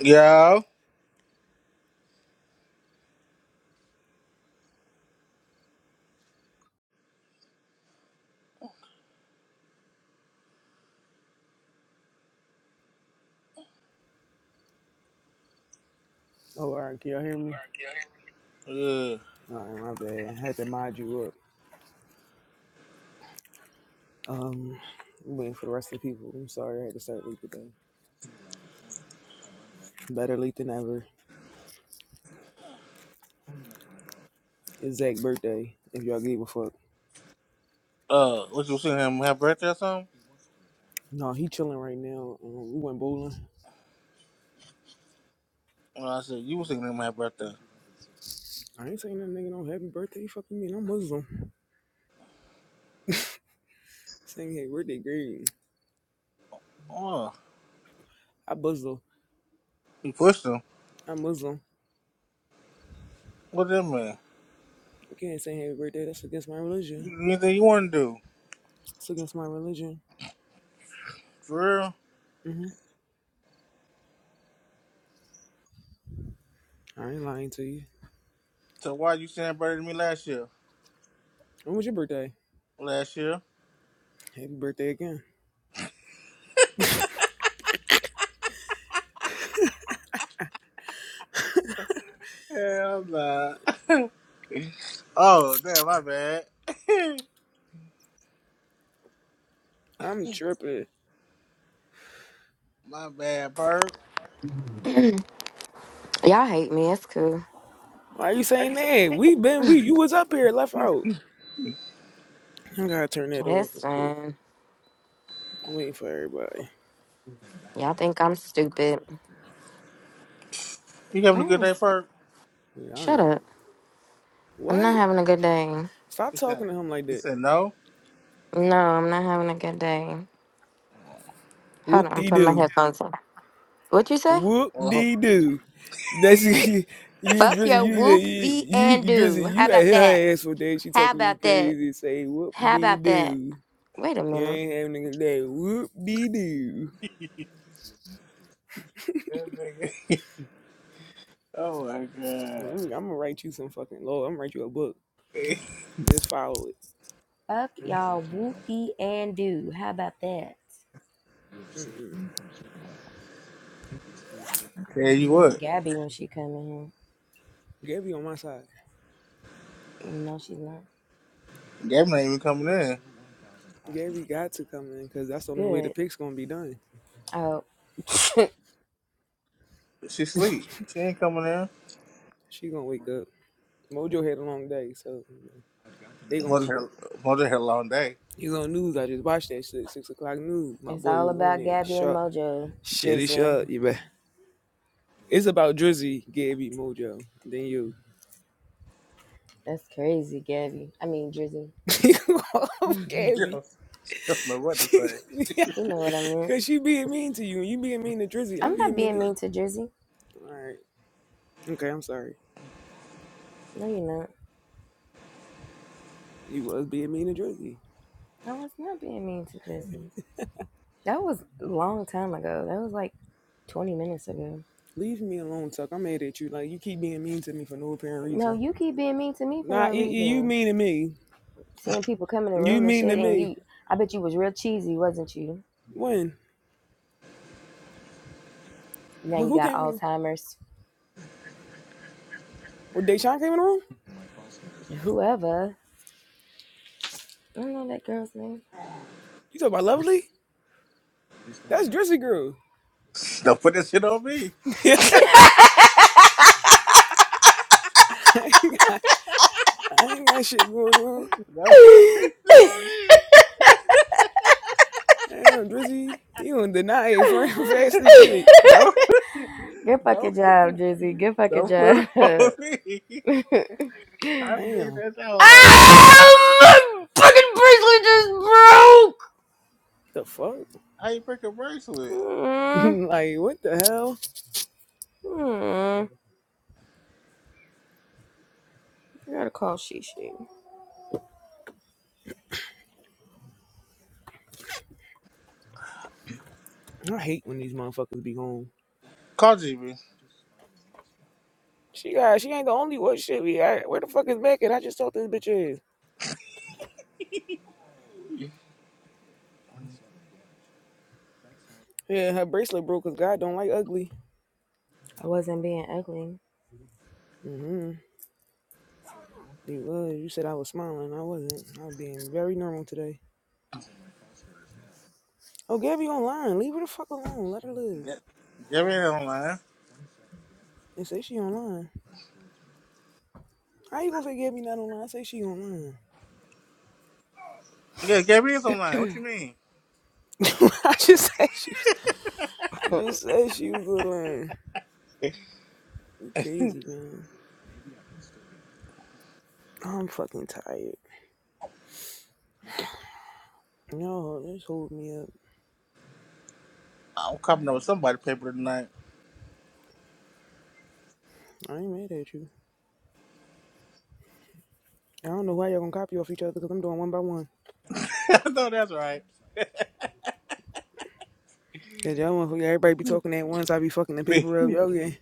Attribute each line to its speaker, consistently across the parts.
Speaker 1: Yeah.
Speaker 2: Oh, all right. Can y'all hear me?
Speaker 1: Yeah.
Speaker 2: All right, my bad. I had to mod you up. Um, waiting for the rest of the people. I'm sorry I had to start late today. Better late than ever. It's Zach's birthday, if y'all gave a fuck.
Speaker 1: Uh, what you singing him happy birthday or something?
Speaker 2: No, he chilling right now. Um, we went bowling.
Speaker 1: And I said, you was singing him happy birthday.
Speaker 2: I ain't saying that nigga no happy birthday. Fuck you mean? I'm Muslim. Saying happy birthday, great.
Speaker 1: Oh,
Speaker 2: I Muslim.
Speaker 1: you pushed him.
Speaker 2: I'm Muslim.
Speaker 1: What that man?
Speaker 2: You can't say happy birthday. That's against my religion.
Speaker 1: Anything you want to do?
Speaker 2: It's against my religion.
Speaker 1: For real?
Speaker 2: hmm I ain't lying to you.
Speaker 1: So why you saying happy birthday to me last year?
Speaker 2: When was your birthday?
Speaker 1: Last year?
Speaker 2: Happy birthday again.
Speaker 1: Hell nah. Oh, damn, my bad.
Speaker 2: I'm tripping.
Speaker 1: My bad, Perk.
Speaker 3: Y'all hate me. It's cool.
Speaker 2: Why you saying that? We been we you was up here left out. I gotta turn that off
Speaker 3: It's
Speaker 2: real quick.
Speaker 3: fine.
Speaker 2: Waiting for everybody.
Speaker 3: Y'all think I'm stupid.
Speaker 1: You having a good
Speaker 3: Where
Speaker 1: day,
Speaker 3: is?
Speaker 1: Perk?
Speaker 2: Yeah, I
Speaker 3: Shut
Speaker 2: ain't.
Speaker 3: up. I'm not
Speaker 2: What?
Speaker 3: having a good day.
Speaker 2: Stop
Speaker 1: He said,
Speaker 2: talking to him like
Speaker 1: he
Speaker 2: that.
Speaker 1: said no?
Speaker 3: No, I'm not having a good day.
Speaker 2: Whoop
Speaker 3: Hold on. I'm
Speaker 2: dee
Speaker 3: putting my
Speaker 2: doo.
Speaker 3: headphones on. What you say?
Speaker 2: Whoop
Speaker 1: Oh,
Speaker 2: dee doo. That's you,
Speaker 3: Fuck
Speaker 2: Drizzy.
Speaker 3: your
Speaker 2: You need to
Speaker 3: whoop the
Speaker 2: you,
Speaker 3: and
Speaker 2: you Drizzy.
Speaker 3: do.
Speaker 2: You
Speaker 3: How
Speaker 2: gotta
Speaker 3: about
Speaker 2: hit
Speaker 3: that?
Speaker 2: her ass for that. She
Speaker 3: How
Speaker 2: talking to you
Speaker 3: about that?
Speaker 2: crazy. Say whoop
Speaker 3: How
Speaker 2: dee
Speaker 3: about that?
Speaker 2: doo.
Speaker 3: Wait a
Speaker 2: You
Speaker 3: minute.
Speaker 2: ain't having a good day. Whoop dee doo.
Speaker 1: that nigga. Oh, my
Speaker 2: I'm,
Speaker 1: God.
Speaker 2: I'm gonna write you some fucking law. I'm gonna write you a book. Just follow it.
Speaker 3: Fuck y'all whoopty and do. How about that?
Speaker 2: Mm mm.
Speaker 1: Tell you
Speaker 3: Telling
Speaker 1: what,
Speaker 3: Gabby when she come in.
Speaker 2: Gabby on my side.
Speaker 3: here. No, she's not.
Speaker 1: Gabby ain't even coming in.
Speaker 2: Gabby got to come in because that's the only way the
Speaker 3: Good.
Speaker 2: pick's gonna be done.
Speaker 3: Oh.
Speaker 1: She sleep. She ain't coming in.
Speaker 2: she gonna wake up. Mojo had a long day, so you know, they gonna
Speaker 1: Mother
Speaker 2: wake up.
Speaker 1: hell, mother hell long day.
Speaker 2: He's on news. I just watched that shit. Six o'clock news. My
Speaker 3: It's
Speaker 2: boy
Speaker 3: all
Speaker 2: was on
Speaker 3: about
Speaker 2: there.
Speaker 3: Gabby and
Speaker 2: Shut.
Speaker 3: Mojo,
Speaker 2: Shitty
Speaker 3: Drizzy.
Speaker 2: shut. You bet. It's about Drizzy, Gabby, Mojo, then you.
Speaker 3: That's crazy, Gabby. I mean, Drizzy.
Speaker 1: You
Speaker 2: Gabby.
Speaker 1: know, I don't know what to say.
Speaker 3: he know what I meant.
Speaker 2: Because she being mean to you. And you being mean to Drizzy. I'm
Speaker 3: I'm not
Speaker 2: being mean to
Speaker 3: being
Speaker 2: you.
Speaker 3: mean to Drizzy.
Speaker 2: All right. Okay, I'm sorry.
Speaker 3: No, you're not.
Speaker 2: You was being mean to Drizzy.
Speaker 3: I was not being mean to Drizzy. That was a long time ago. That was like 20 minutes ago.
Speaker 2: Leave me alone, Tuck. I'm mad at you. Like, you keep being mean to me for no apparent reason.
Speaker 3: No, you keep being mean to me for
Speaker 2: Nah,
Speaker 3: no
Speaker 2: E- E, you
Speaker 3: reason.
Speaker 2: mean to me.
Speaker 3: Seeing people come in the
Speaker 2: You
Speaker 3: room and
Speaker 2: mean to
Speaker 3: shit, and
Speaker 2: me.
Speaker 3: you, I bet you was real cheesy, wasn't you?
Speaker 2: When?
Speaker 3: Now
Speaker 2: When
Speaker 3: you
Speaker 2: who
Speaker 3: got
Speaker 2: came in?
Speaker 3: Alzheimer's.
Speaker 2: When Deshaun came in the room?
Speaker 3: Whoever. I don't know that girl's name.
Speaker 2: You talking about Lovely? That's Drizzy girl.
Speaker 1: Don't put this shit on me.
Speaker 2: I, ain't got, I ain't got shit going on.
Speaker 1: No. Shit on
Speaker 2: Damn, Drizzy, you don't deny it, frame,
Speaker 1: me.
Speaker 2: Fast as shit.
Speaker 1: No.
Speaker 3: Good
Speaker 1: No.
Speaker 3: fucking job, Jizzy. Good fucking
Speaker 1: Don't put it
Speaker 3: job.
Speaker 1: on me. I think
Speaker 2: Damn.
Speaker 1: that I was like, oh,
Speaker 3: ah, my fucking bracelet just broke.
Speaker 2: The fuck?
Speaker 1: how you break a bracelet?
Speaker 3: Mm,
Speaker 2: like, what the hell?
Speaker 3: mm. I gotta call Shishi.
Speaker 2: I hate when these motherfuckers be gone.
Speaker 1: Call GB.
Speaker 2: She got, she ain't the only one. Shit, we got. Where the fuck is Beckett? I just talked this bitch is. Yeah, her bracelet broke because God don't like ugly.
Speaker 3: I wasn't being ugly.
Speaker 2: Mm-hmm. You was. You said I was smiling. I wasn't. I'm being very normal today. Oh, Gabby online. Leave her the fuck alone. Let her live.
Speaker 1: Ga- Gabrielle online.
Speaker 2: And say she online. How you gonna say Gabby not online? I Say she online.
Speaker 1: Yeah, Gabrie's online. What you mean?
Speaker 2: I just said she was. I just said she was online. You crazy man. I'm fucking tired. No, just hold me up.
Speaker 1: I'm coming up with somebody paper tonight.
Speaker 2: I ain't mad at you. I don't know why y'all gonna copy off each other because I'm doing one by one.
Speaker 1: I know that's right.
Speaker 2: Cause y'all want everybody be talking at once. I be fucking the
Speaker 1: Me.
Speaker 2: paper up. Y'all getting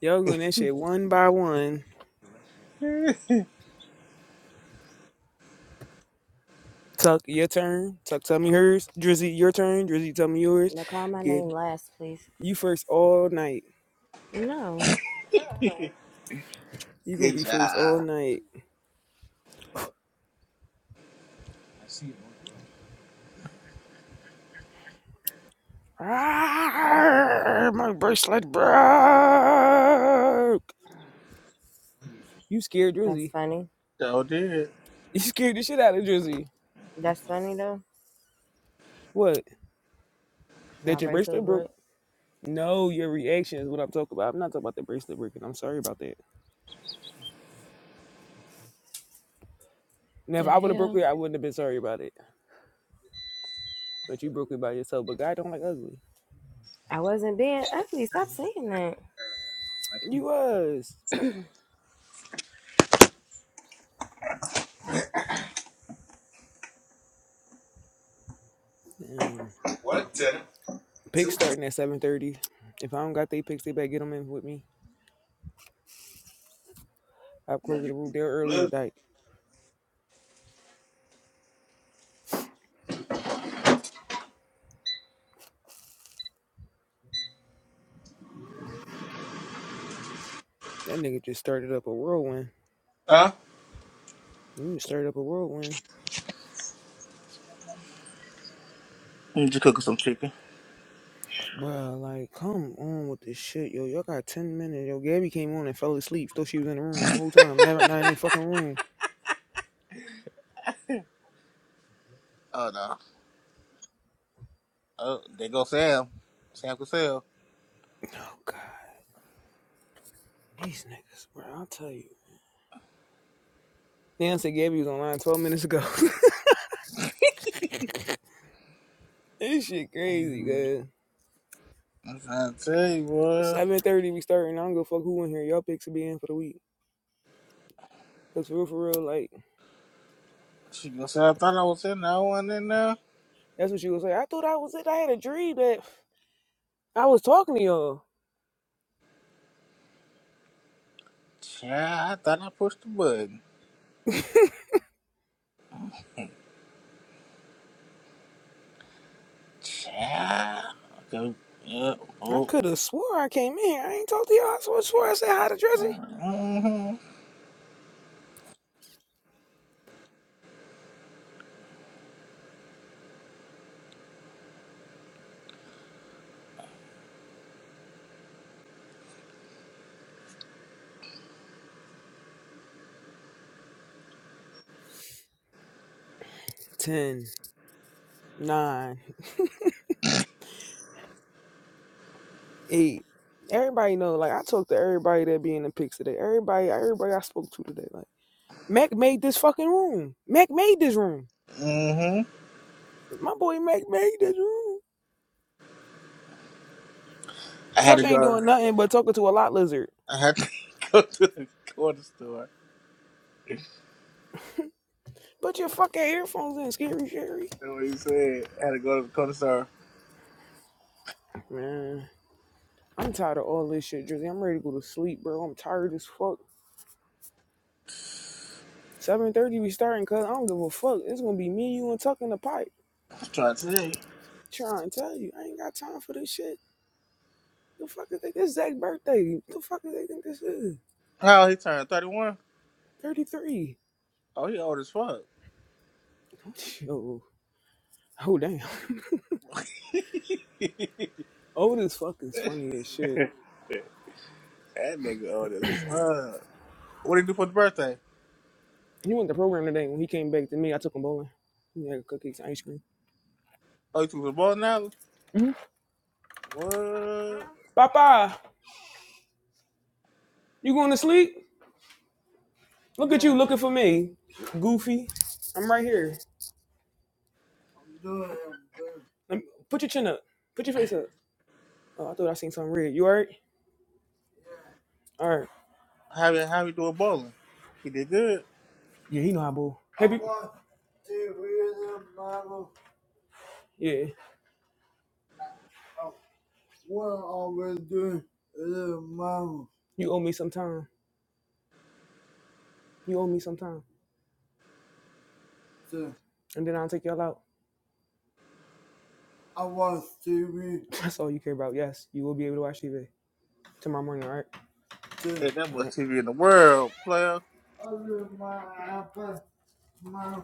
Speaker 2: y'all doing that shit one by one.
Speaker 1: Good
Speaker 2: Tuck, your turn. Tuck, tell me hers. Drizzy, your turn. Drizzy, tell me yours.
Speaker 3: But call my
Speaker 2: Good.
Speaker 3: name last, please.
Speaker 2: You first all night.
Speaker 3: No,
Speaker 2: You gonna be first all
Speaker 1: job.
Speaker 2: night. Ah, my bracelet broke. You scared
Speaker 3: that's
Speaker 2: Drizzy.
Speaker 3: funny.
Speaker 1: So did.
Speaker 2: You scared the shit out of Drizzy.
Speaker 3: That's funny though.
Speaker 2: What?
Speaker 3: 'cause my
Speaker 2: That your
Speaker 3: bracelet
Speaker 2: bracelet broke?
Speaker 3: broke.
Speaker 2: No, your reaction is what I'm talking about. I'm not talking about the bracelet breaking. I'm sorry about that. Now, if
Speaker 3: The
Speaker 2: I would have broke
Speaker 3: hell?
Speaker 2: it, I wouldn't have been sorry about it. But you broke it by yourself. But God don't like ugly.
Speaker 3: I wasn't being ugly. Stop saying that.
Speaker 2: You was. Damn.
Speaker 1: One tenner,
Speaker 2: Picks
Speaker 1: two
Speaker 2: starting at seven thirty. If I don't got they picks, they better get them in with me. I'm closing the room there early
Speaker 1: blood.
Speaker 2: tonight. That nigga just started up a whirlwind.
Speaker 1: Huh?
Speaker 2: You just started up a whirlwind.
Speaker 1: I'm just cooking some chicken.
Speaker 2: Well, like, come on with this shit, yo. Y'all got ten minutes. Yo, Gabby came on and fell asleep. Thought she was in the room whole time. Never not in the fucking room.
Speaker 1: Oh no. Oh, there go Sam. Sam Cassell.
Speaker 2: Oh god, these niggas, bro. I'll tell you. Damn, said Gabby was online twelve minutes ago. this shit crazy,
Speaker 1: I'm
Speaker 2: guys.
Speaker 1: trying to tell you, boy.
Speaker 2: Seven thirty we starting. I don't go fuck who in here. Y'all picks will be in for the week. Cause for real, for real, like.
Speaker 1: She gonna say I thought I was in that one in there.
Speaker 2: That's what she was like. I thought I was it. I had a dream that I was talking to y'all.
Speaker 1: Child, I thought I pushed the button. Child. Okay. Yeah.
Speaker 2: I
Speaker 1: Oh.
Speaker 2: could have swore I came in here. I ain't talked to y'all. I swore, swore I said hi to Drizzy.
Speaker 1: Mm-hmm.
Speaker 2: Ten, nine, eight. Everybody know. Like I talked to everybody that be in the pics today. Everybody, everybody I spoke to today. Like Mac made this fucking room. Mac made this room.
Speaker 1: Mm-hmm.
Speaker 2: My boy Mac made this room.
Speaker 1: I had
Speaker 2: Chuck
Speaker 1: to
Speaker 2: ain't
Speaker 1: go.
Speaker 2: doing nothing but talking to a lot lizard.
Speaker 1: I had to go to the corner store. That's
Speaker 2: Put your fucking earphones in, scary Sherry.
Speaker 1: what he said. I had to go to the corner store.
Speaker 2: Man, I'm tired of all this shit, Drizzy. I'm ready to go to sleep, bro. I'm tired as fuck. Seven thirty we starting, cause I don't give a fuck. It's gonna be me, you, and tucking the pipe.
Speaker 1: I'm trying to tell you.
Speaker 2: Trying to tell you, I ain't got time for this shit. The fuck is they? This Zach's birthday. The fuck do they think this is?
Speaker 1: How old he turned 31?
Speaker 2: Thirty three.
Speaker 1: Oh, he old as fuck.
Speaker 2: Yo, oh damn. Old as fuck is funny as shit.
Speaker 1: That nigga old as fuck. What did he do for the birthday?
Speaker 2: He went to program today. When he came back to me, I took him bowling. He had cookies, and ice cream.
Speaker 1: Oh, he took the bowling alley?
Speaker 2: Mhm.
Speaker 1: What?
Speaker 2: Papa, you going to sleep? Look at you looking for me, goofy. I'm right here. Let me- put your chin up. Put your face up. Oh, I thought I seen something red. You alright? All right.
Speaker 1: How he, how he doing bowling? He did good.
Speaker 2: Yeah, he know how boo. Happy. Yeah. What I always do is mama. You owe me some time. You owe me some time. So, And then I'll take y'all out. I TV. That's all you care about. Yes, you will be able to watch TV tomorrow morning, all right? So,
Speaker 1: And that
Speaker 2: All
Speaker 1: much
Speaker 2: right.
Speaker 1: TV in the world, player.
Speaker 2: I use my iPad. My...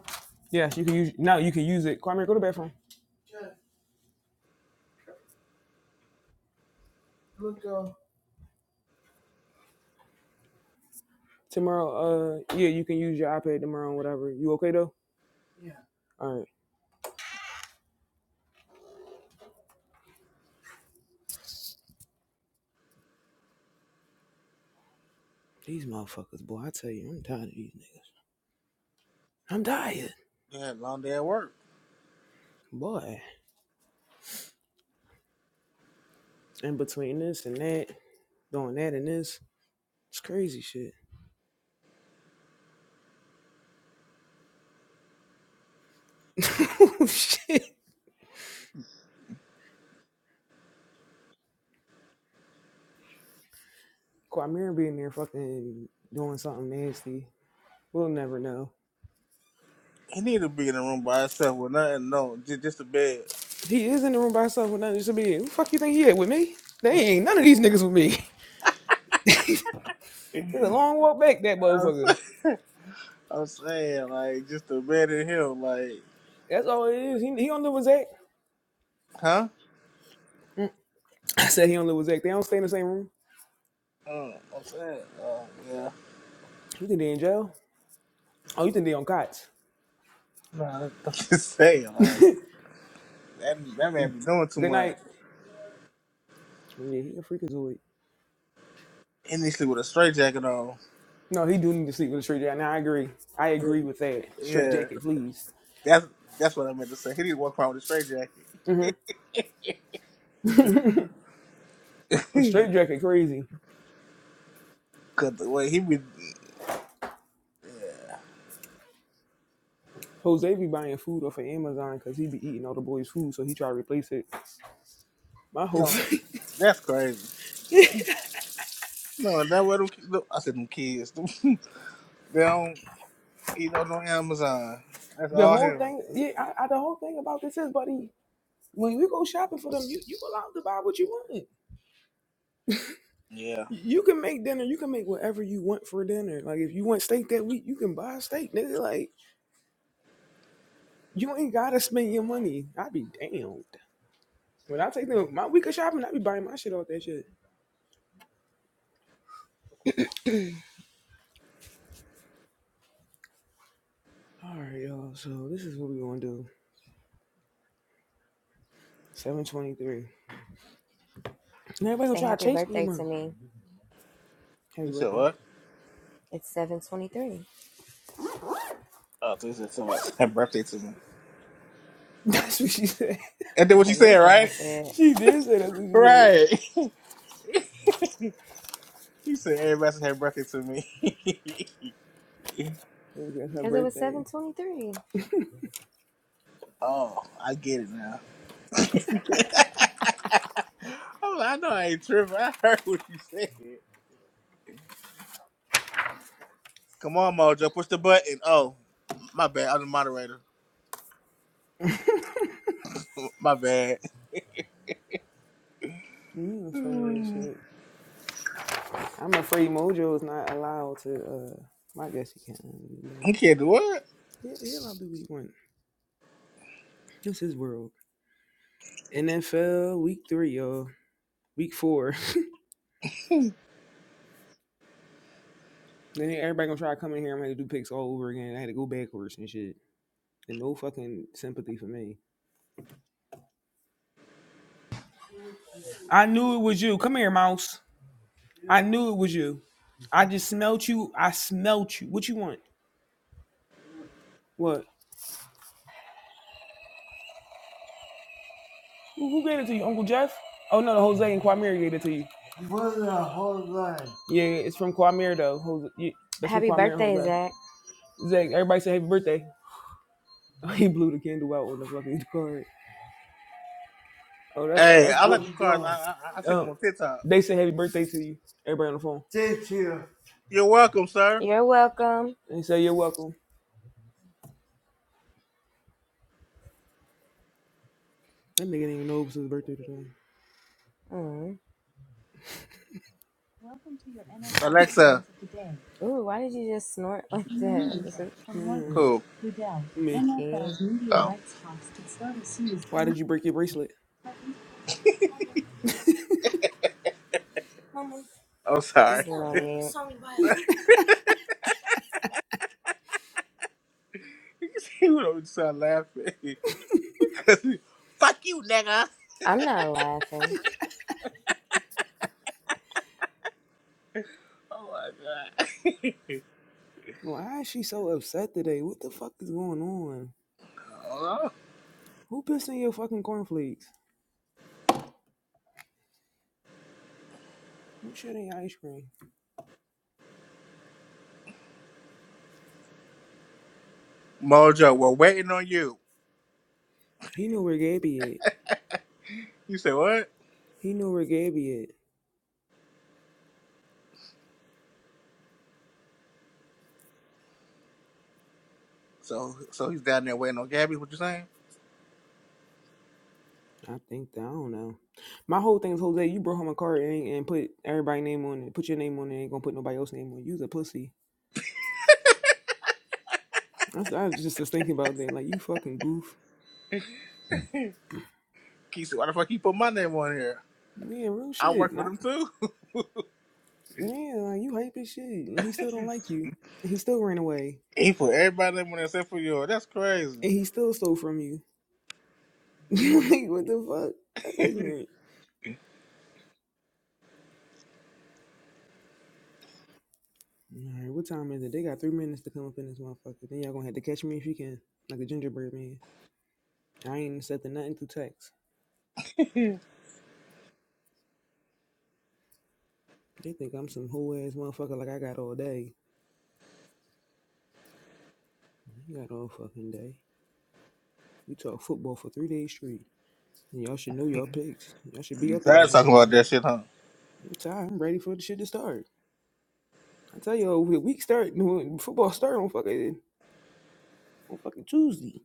Speaker 2: Yes, you can use now you can use it. Kwame, go to the bathroom. Yeah, look up. Tomorrow, uh yeah, you can use your iPad tomorrow and whatever. You okay though? Yeah. All right. These motherfuckers, boy, I tell you, I'm tired of these niggas. I'm tired.
Speaker 1: He had a long day at work.
Speaker 2: Boy. And between this and that, doing that and this, it's crazy shit. shit. Quamir being there fucking doing something nasty. We'll never know.
Speaker 1: He needed to be in the room by himself with nothing, no, just, just a bed.
Speaker 2: He is in the room by himself with nothing of to be. Who the fuck you think he at with me? They ain't none of these niggas with me. It's a long walk back, that
Speaker 1: I'm,
Speaker 2: motherfucker.
Speaker 1: I'm saying, like, just a bed in him, like,
Speaker 2: That's all it is. He, he don't live with Zach.
Speaker 1: huh?
Speaker 2: I said he don't live with Zach. They don't stay in the same room.
Speaker 1: Mm, I'm saying, uh, yeah.
Speaker 2: You think they in jail? Oh, you think they on cots?
Speaker 1: Nah, I'm just saying, like, that, that man be doing too
Speaker 2: Good night.
Speaker 1: much.
Speaker 2: Yeah, he a freakazoid.
Speaker 1: He needs to sleep with a straight jacket on.
Speaker 2: No, he do need to sleep with a straight jacket. Now I agree. I agree with that. Straight
Speaker 1: Yeah,
Speaker 2: jacket, please.
Speaker 1: That's that's what I meant to say. He didn't walk around with a straight jacket.
Speaker 2: Mm-hmm. a straight jacket, crazy.
Speaker 1: Cause the way he be,
Speaker 2: Jose be buying food off of Amazon because he be eating all the boys' food, so he try to replace it. My whole
Speaker 1: no,
Speaker 2: thing,
Speaker 1: that's crazy. No, that what them, ki- I said them kids. they don't eat no no Amazon. That's
Speaker 2: the
Speaker 1: all
Speaker 2: whole
Speaker 1: him.
Speaker 2: thing, yeah, I, I, the whole thing about this is, buddy, when you go shopping for them, you you allowed to buy what you want.
Speaker 1: Yeah.
Speaker 2: You can make dinner. You can make whatever you want for dinner. Like if you want steak that week, you can buy a steak, nigga. Like you ain't gotta spend your money. I be damned. When I take them my week of shopping, I be buying my shit off that shit. All right, y'all. So this is what we gonna do. Seven twenty-three. And everybody gonna
Speaker 3: Say
Speaker 2: try to
Speaker 3: happy
Speaker 2: chase me
Speaker 3: birthday to
Speaker 2: tomorrow.
Speaker 3: me.
Speaker 2: Happy
Speaker 1: You said
Speaker 2: birthday.
Speaker 1: what?
Speaker 3: It's seven twenty-three.
Speaker 1: Oh, so he said somebody's happy birthday to me.
Speaker 2: That's what she said.
Speaker 1: And then what you
Speaker 3: That
Speaker 1: said,
Speaker 3: is what I
Speaker 1: right?
Speaker 3: said.
Speaker 2: She did say that's what she said.
Speaker 1: Right. He said everybody's happy birthday to me.
Speaker 2: Yeah, That's her
Speaker 3: Because it was
Speaker 2: birthday.
Speaker 3: 723.
Speaker 1: oh, I get it now. I'm like, I know I ain't tripping. I heard what you said. Come on, Mojo, push the button. Oh, my bad. I'm the moderator. my bad.
Speaker 2: mm, funny as
Speaker 1: You
Speaker 2: shit. I'm afraid Mojo is not allowed to. uh well, I guess he can't.
Speaker 1: can't do what?
Speaker 2: yeah, he'll allowed to do what This is world. NFL week three, y'all. Week four. Then everybody gonna try to come in here. I'm gonna have to do picks all over again. I had to go backwards and shit. and no fucking sympathy for me. I knew it was you. Come here, mouse. I knew it was you. I just smelt you. I smelt you. What you want? What? Who, who gave it to you? Uncle Jeff? Oh no, the Jose and Quamir gave it to you. What the Jose? Yeah, it's from Quamir though. Jose, yeah, that's from
Speaker 3: Happy
Speaker 2: Quamir and
Speaker 3: birthday,
Speaker 2: Jose.
Speaker 3: Zach.
Speaker 2: Zach, everybody say happy birthday. Oh, He blew the candle out on the fucking card. Oh, that's
Speaker 1: Hey,
Speaker 2: that's
Speaker 1: I like
Speaker 2: good.
Speaker 1: them cars. I,
Speaker 2: Oh,
Speaker 1: I I see them
Speaker 2: Um,
Speaker 1: on TikTok.
Speaker 2: they say happy birthday to you. Everybody on the phone. Thank you.
Speaker 1: You're welcome, sir.
Speaker 3: You're welcome.
Speaker 2: They say you're welcome. That nigga didn't even know it was his birthday today.
Speaker 3: Mm.
Speaker 1: Alexa.
Speaker 3: Ooh, why did you just snort like that?
Speaker 2: Mm,
Speaker 1: Cool.
Speaker 2: me.
Speaker 3: Okay.
Speaker 1: oh.
Speaker 2: Why did you break your bracelet?
Speaker 1: I'm
Speaker 3: I'm
Speaker 1: sorry.
Speaker 3: going on mute.
Speaker 1: You he would always start laughing. Fuck you, nigga.
Speaker 3: I'm not laughing.
Speaker 1: Oh my
Speaker 2: Why is she so upset today? What the fuck is going on?
Speaker 1: god.
Speaker 2: Who pissed in your fucking cornflakes? Who shit in your ice cream?
Speaker 1: Mojo, we're waiting on you.
Speaker 2: He knew where Gabby at.
Speaker 1: You say what?
Speaker 2: He knew where Gabby at.
Speaker 1: So so he's down there waiting on Gabby. What you saying?
Speaker 2: I think that, I don't know. My whole thing is Jose, you brought home a card and, and put everybody's name on it. Put your name on it. Ain't gonna put nobody else's name on it. You's a pussy. I I just was thinking about that. Like you fucking goof.
Speaker 1: He said, why the fuck he put my name on here?
Speaker 2: Yeah, real
Speaker 1: I
Speaker 2: shit.
Speaker 1: work with
Speaker 2: Not,
Speaker 1: him too.
Speaker 2: yeah, like you hype as shit. he still don't like you. he still ran away.
Speaker 1: He put everybody's name on there except for yours. That's crazy.
Speaker 2: And he still stole from you. like, what the fuck? That's ignorant. All right, what time is it? They got three minutes to come up in this motherfucker. Then y'all gonna have to catch me if you can, like a gingerbread man. I ain't accepting nothing through text. They think I'm some whole ass motherfucker like I got all day. You got all fucking day. We talk football for three days straight. And y'all should know y'all picks. Y'all should be
Speaker 1: You
Speaker 2: up in
Speaker 1: tired
Speaker 2: this
Speaker 1: of talking about
Speaker 2: motherfucker.
Speaker 1: that shit, huh?
Speaker 2: I'm tired. I'm ready for the shit to start. I tell y'all, the week start, football start on fucking, on fucking Tuesday.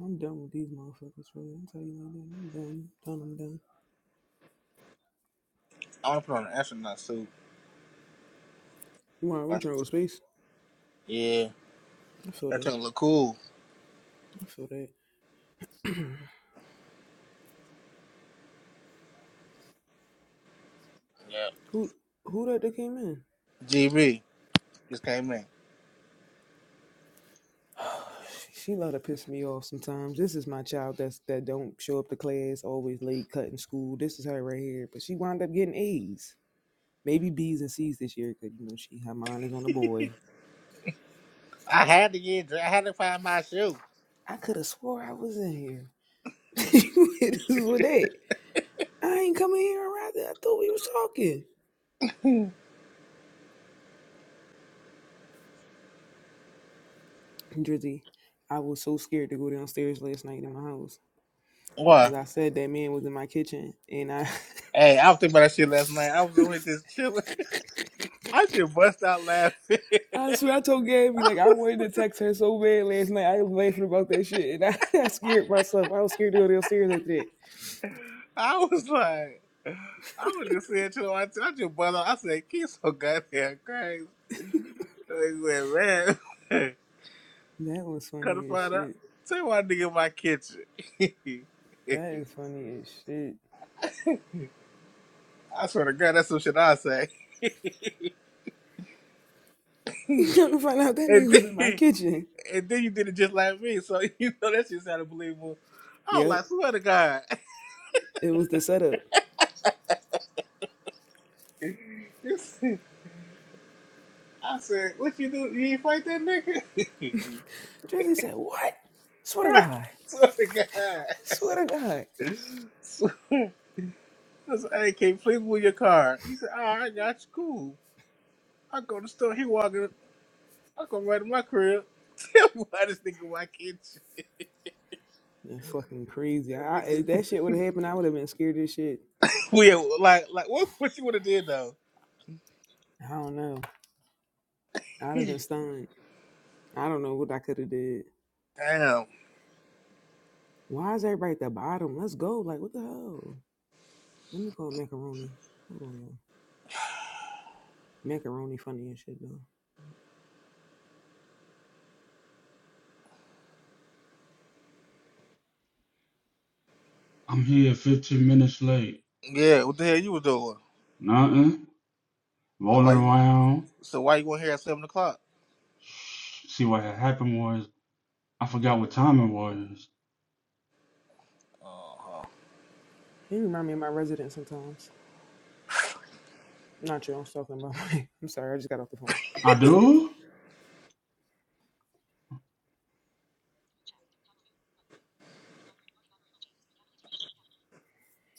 Speaker 2: I'm done with these motherfuckers, bro. I'm telling you like that. I'm done. I'm Done, I'm done.
Speaker 1: I want to put on an astronaut suit.
Speaker 2: Why are we trying to go to space?
Speaker 1: Yeah,
Speaker 2: I feel
Speaker 1: that
Speaker 2: that.
Speaker 1: thing look cool.
Speaker 2: I feel that.
Speaker 1: Yeah.
Speaker 2: Who who that that came in?
Speaker 1: GB just came in.
Speaker 2: She love to piss me off sometimes. This is my child that's that don't show up to class, always late, cutting school. This is her right here. But she wound up getting A's. Maybe B's and C's this year, cause you know she her mind is on the boy.
Speaker 1: I had to get dre- I had to find my shoe.
Speaker 2: I could have swore I was in here. this is what that. I ain't coming here around. I thought we was talking. Drizzy, I was so scared to go downstairs last night in my house. because
Speaker 1: Why?
Speaker 2: I said that man was in my kitchen, and I
Speaker 1: Hey, I was thinking about that shit last night. I was over here just chilling. I just bust out laughing.
Speaker 2: I swear I told Gabby like I wanted to text her so bad last night. I was laughing about that shit, and I, I scared myself. I was scared to go downstairs after that.
Speaker 1: I was like, I was just saying to myself, I just bust out. I said, "Kids so goddamn crazy." He man,
Speaker 2: That was
Speaker 1: come to
Speaker 2: funny as
Speaker 1: find out.
Speaker 2: shit.
Speaker 1: Say why nigga in my kitchen.
Speaker 2: That is funny as shit.
Speaker 1: I swear to God, that's some shit I say.
Speaker 2: You come to find out that
Speaker 1: And
Speaker 2: nigga was in my
Speaker 1: then,
Speaker 2: kitchen.
Speaker 1: and then you did it just like me, so you know that shit sounded believable. I was
Speaker 2: Yep,
Speaker 1: like, swear to God.
Speaker 2: it was the setup.
Speaker 1: This- I said, what you do? You ain't fight that nigga?
Speaker 2: Drizzy said, "What? Swear to
Speaker 1: Right?
Speaker 2: God,
Speaker 1: swear to God.
Speaker 2: swear to God."
Speaker 1: So, I said, hey, can you please move your car? He said, all right, I got you. Cool. I go to the store. He walking. I'm gonna run to my crib. Tell me why this nigga why can't you?
Speaker 2: That's fucking crazy.
Speaker 1: That
Speaker 2: I, if
Speaker 1: nigga.
Speaker 2: that shit would have happened, I would have been scared as shit.
Speaker 1: Yeah, like like what what you would have did though?
Speaker 2: I don't know. I'd have been
Speaker 1: Damn.
Speaker 2: stunned. I don't know what I could have did. Why is everybody at the bottom? Let's go. Like, what the hell? Let me call macaroni. Hold on, y'all. Macaroni funny and shit though.
Speaker 4: I'm here 15 minutes late.
Speaker 1: Yeah, what the hell you was doing?
Speaker 4: Nothing.
Speaker 1: So why
Speaker 4: Rolling
Speaker 1: you
Speaker 4: around.
Speaker 1: so why you weren't here at seven o'clock?
Speaker 4: See what had happened was I forgot what time it was.
Speaker 1: Uh-huh.
Speaker 2: He remind me of my resident sometimes. Not you, I was talking about. I'm sorry, I just got off the phone.
Speaker 4: I do?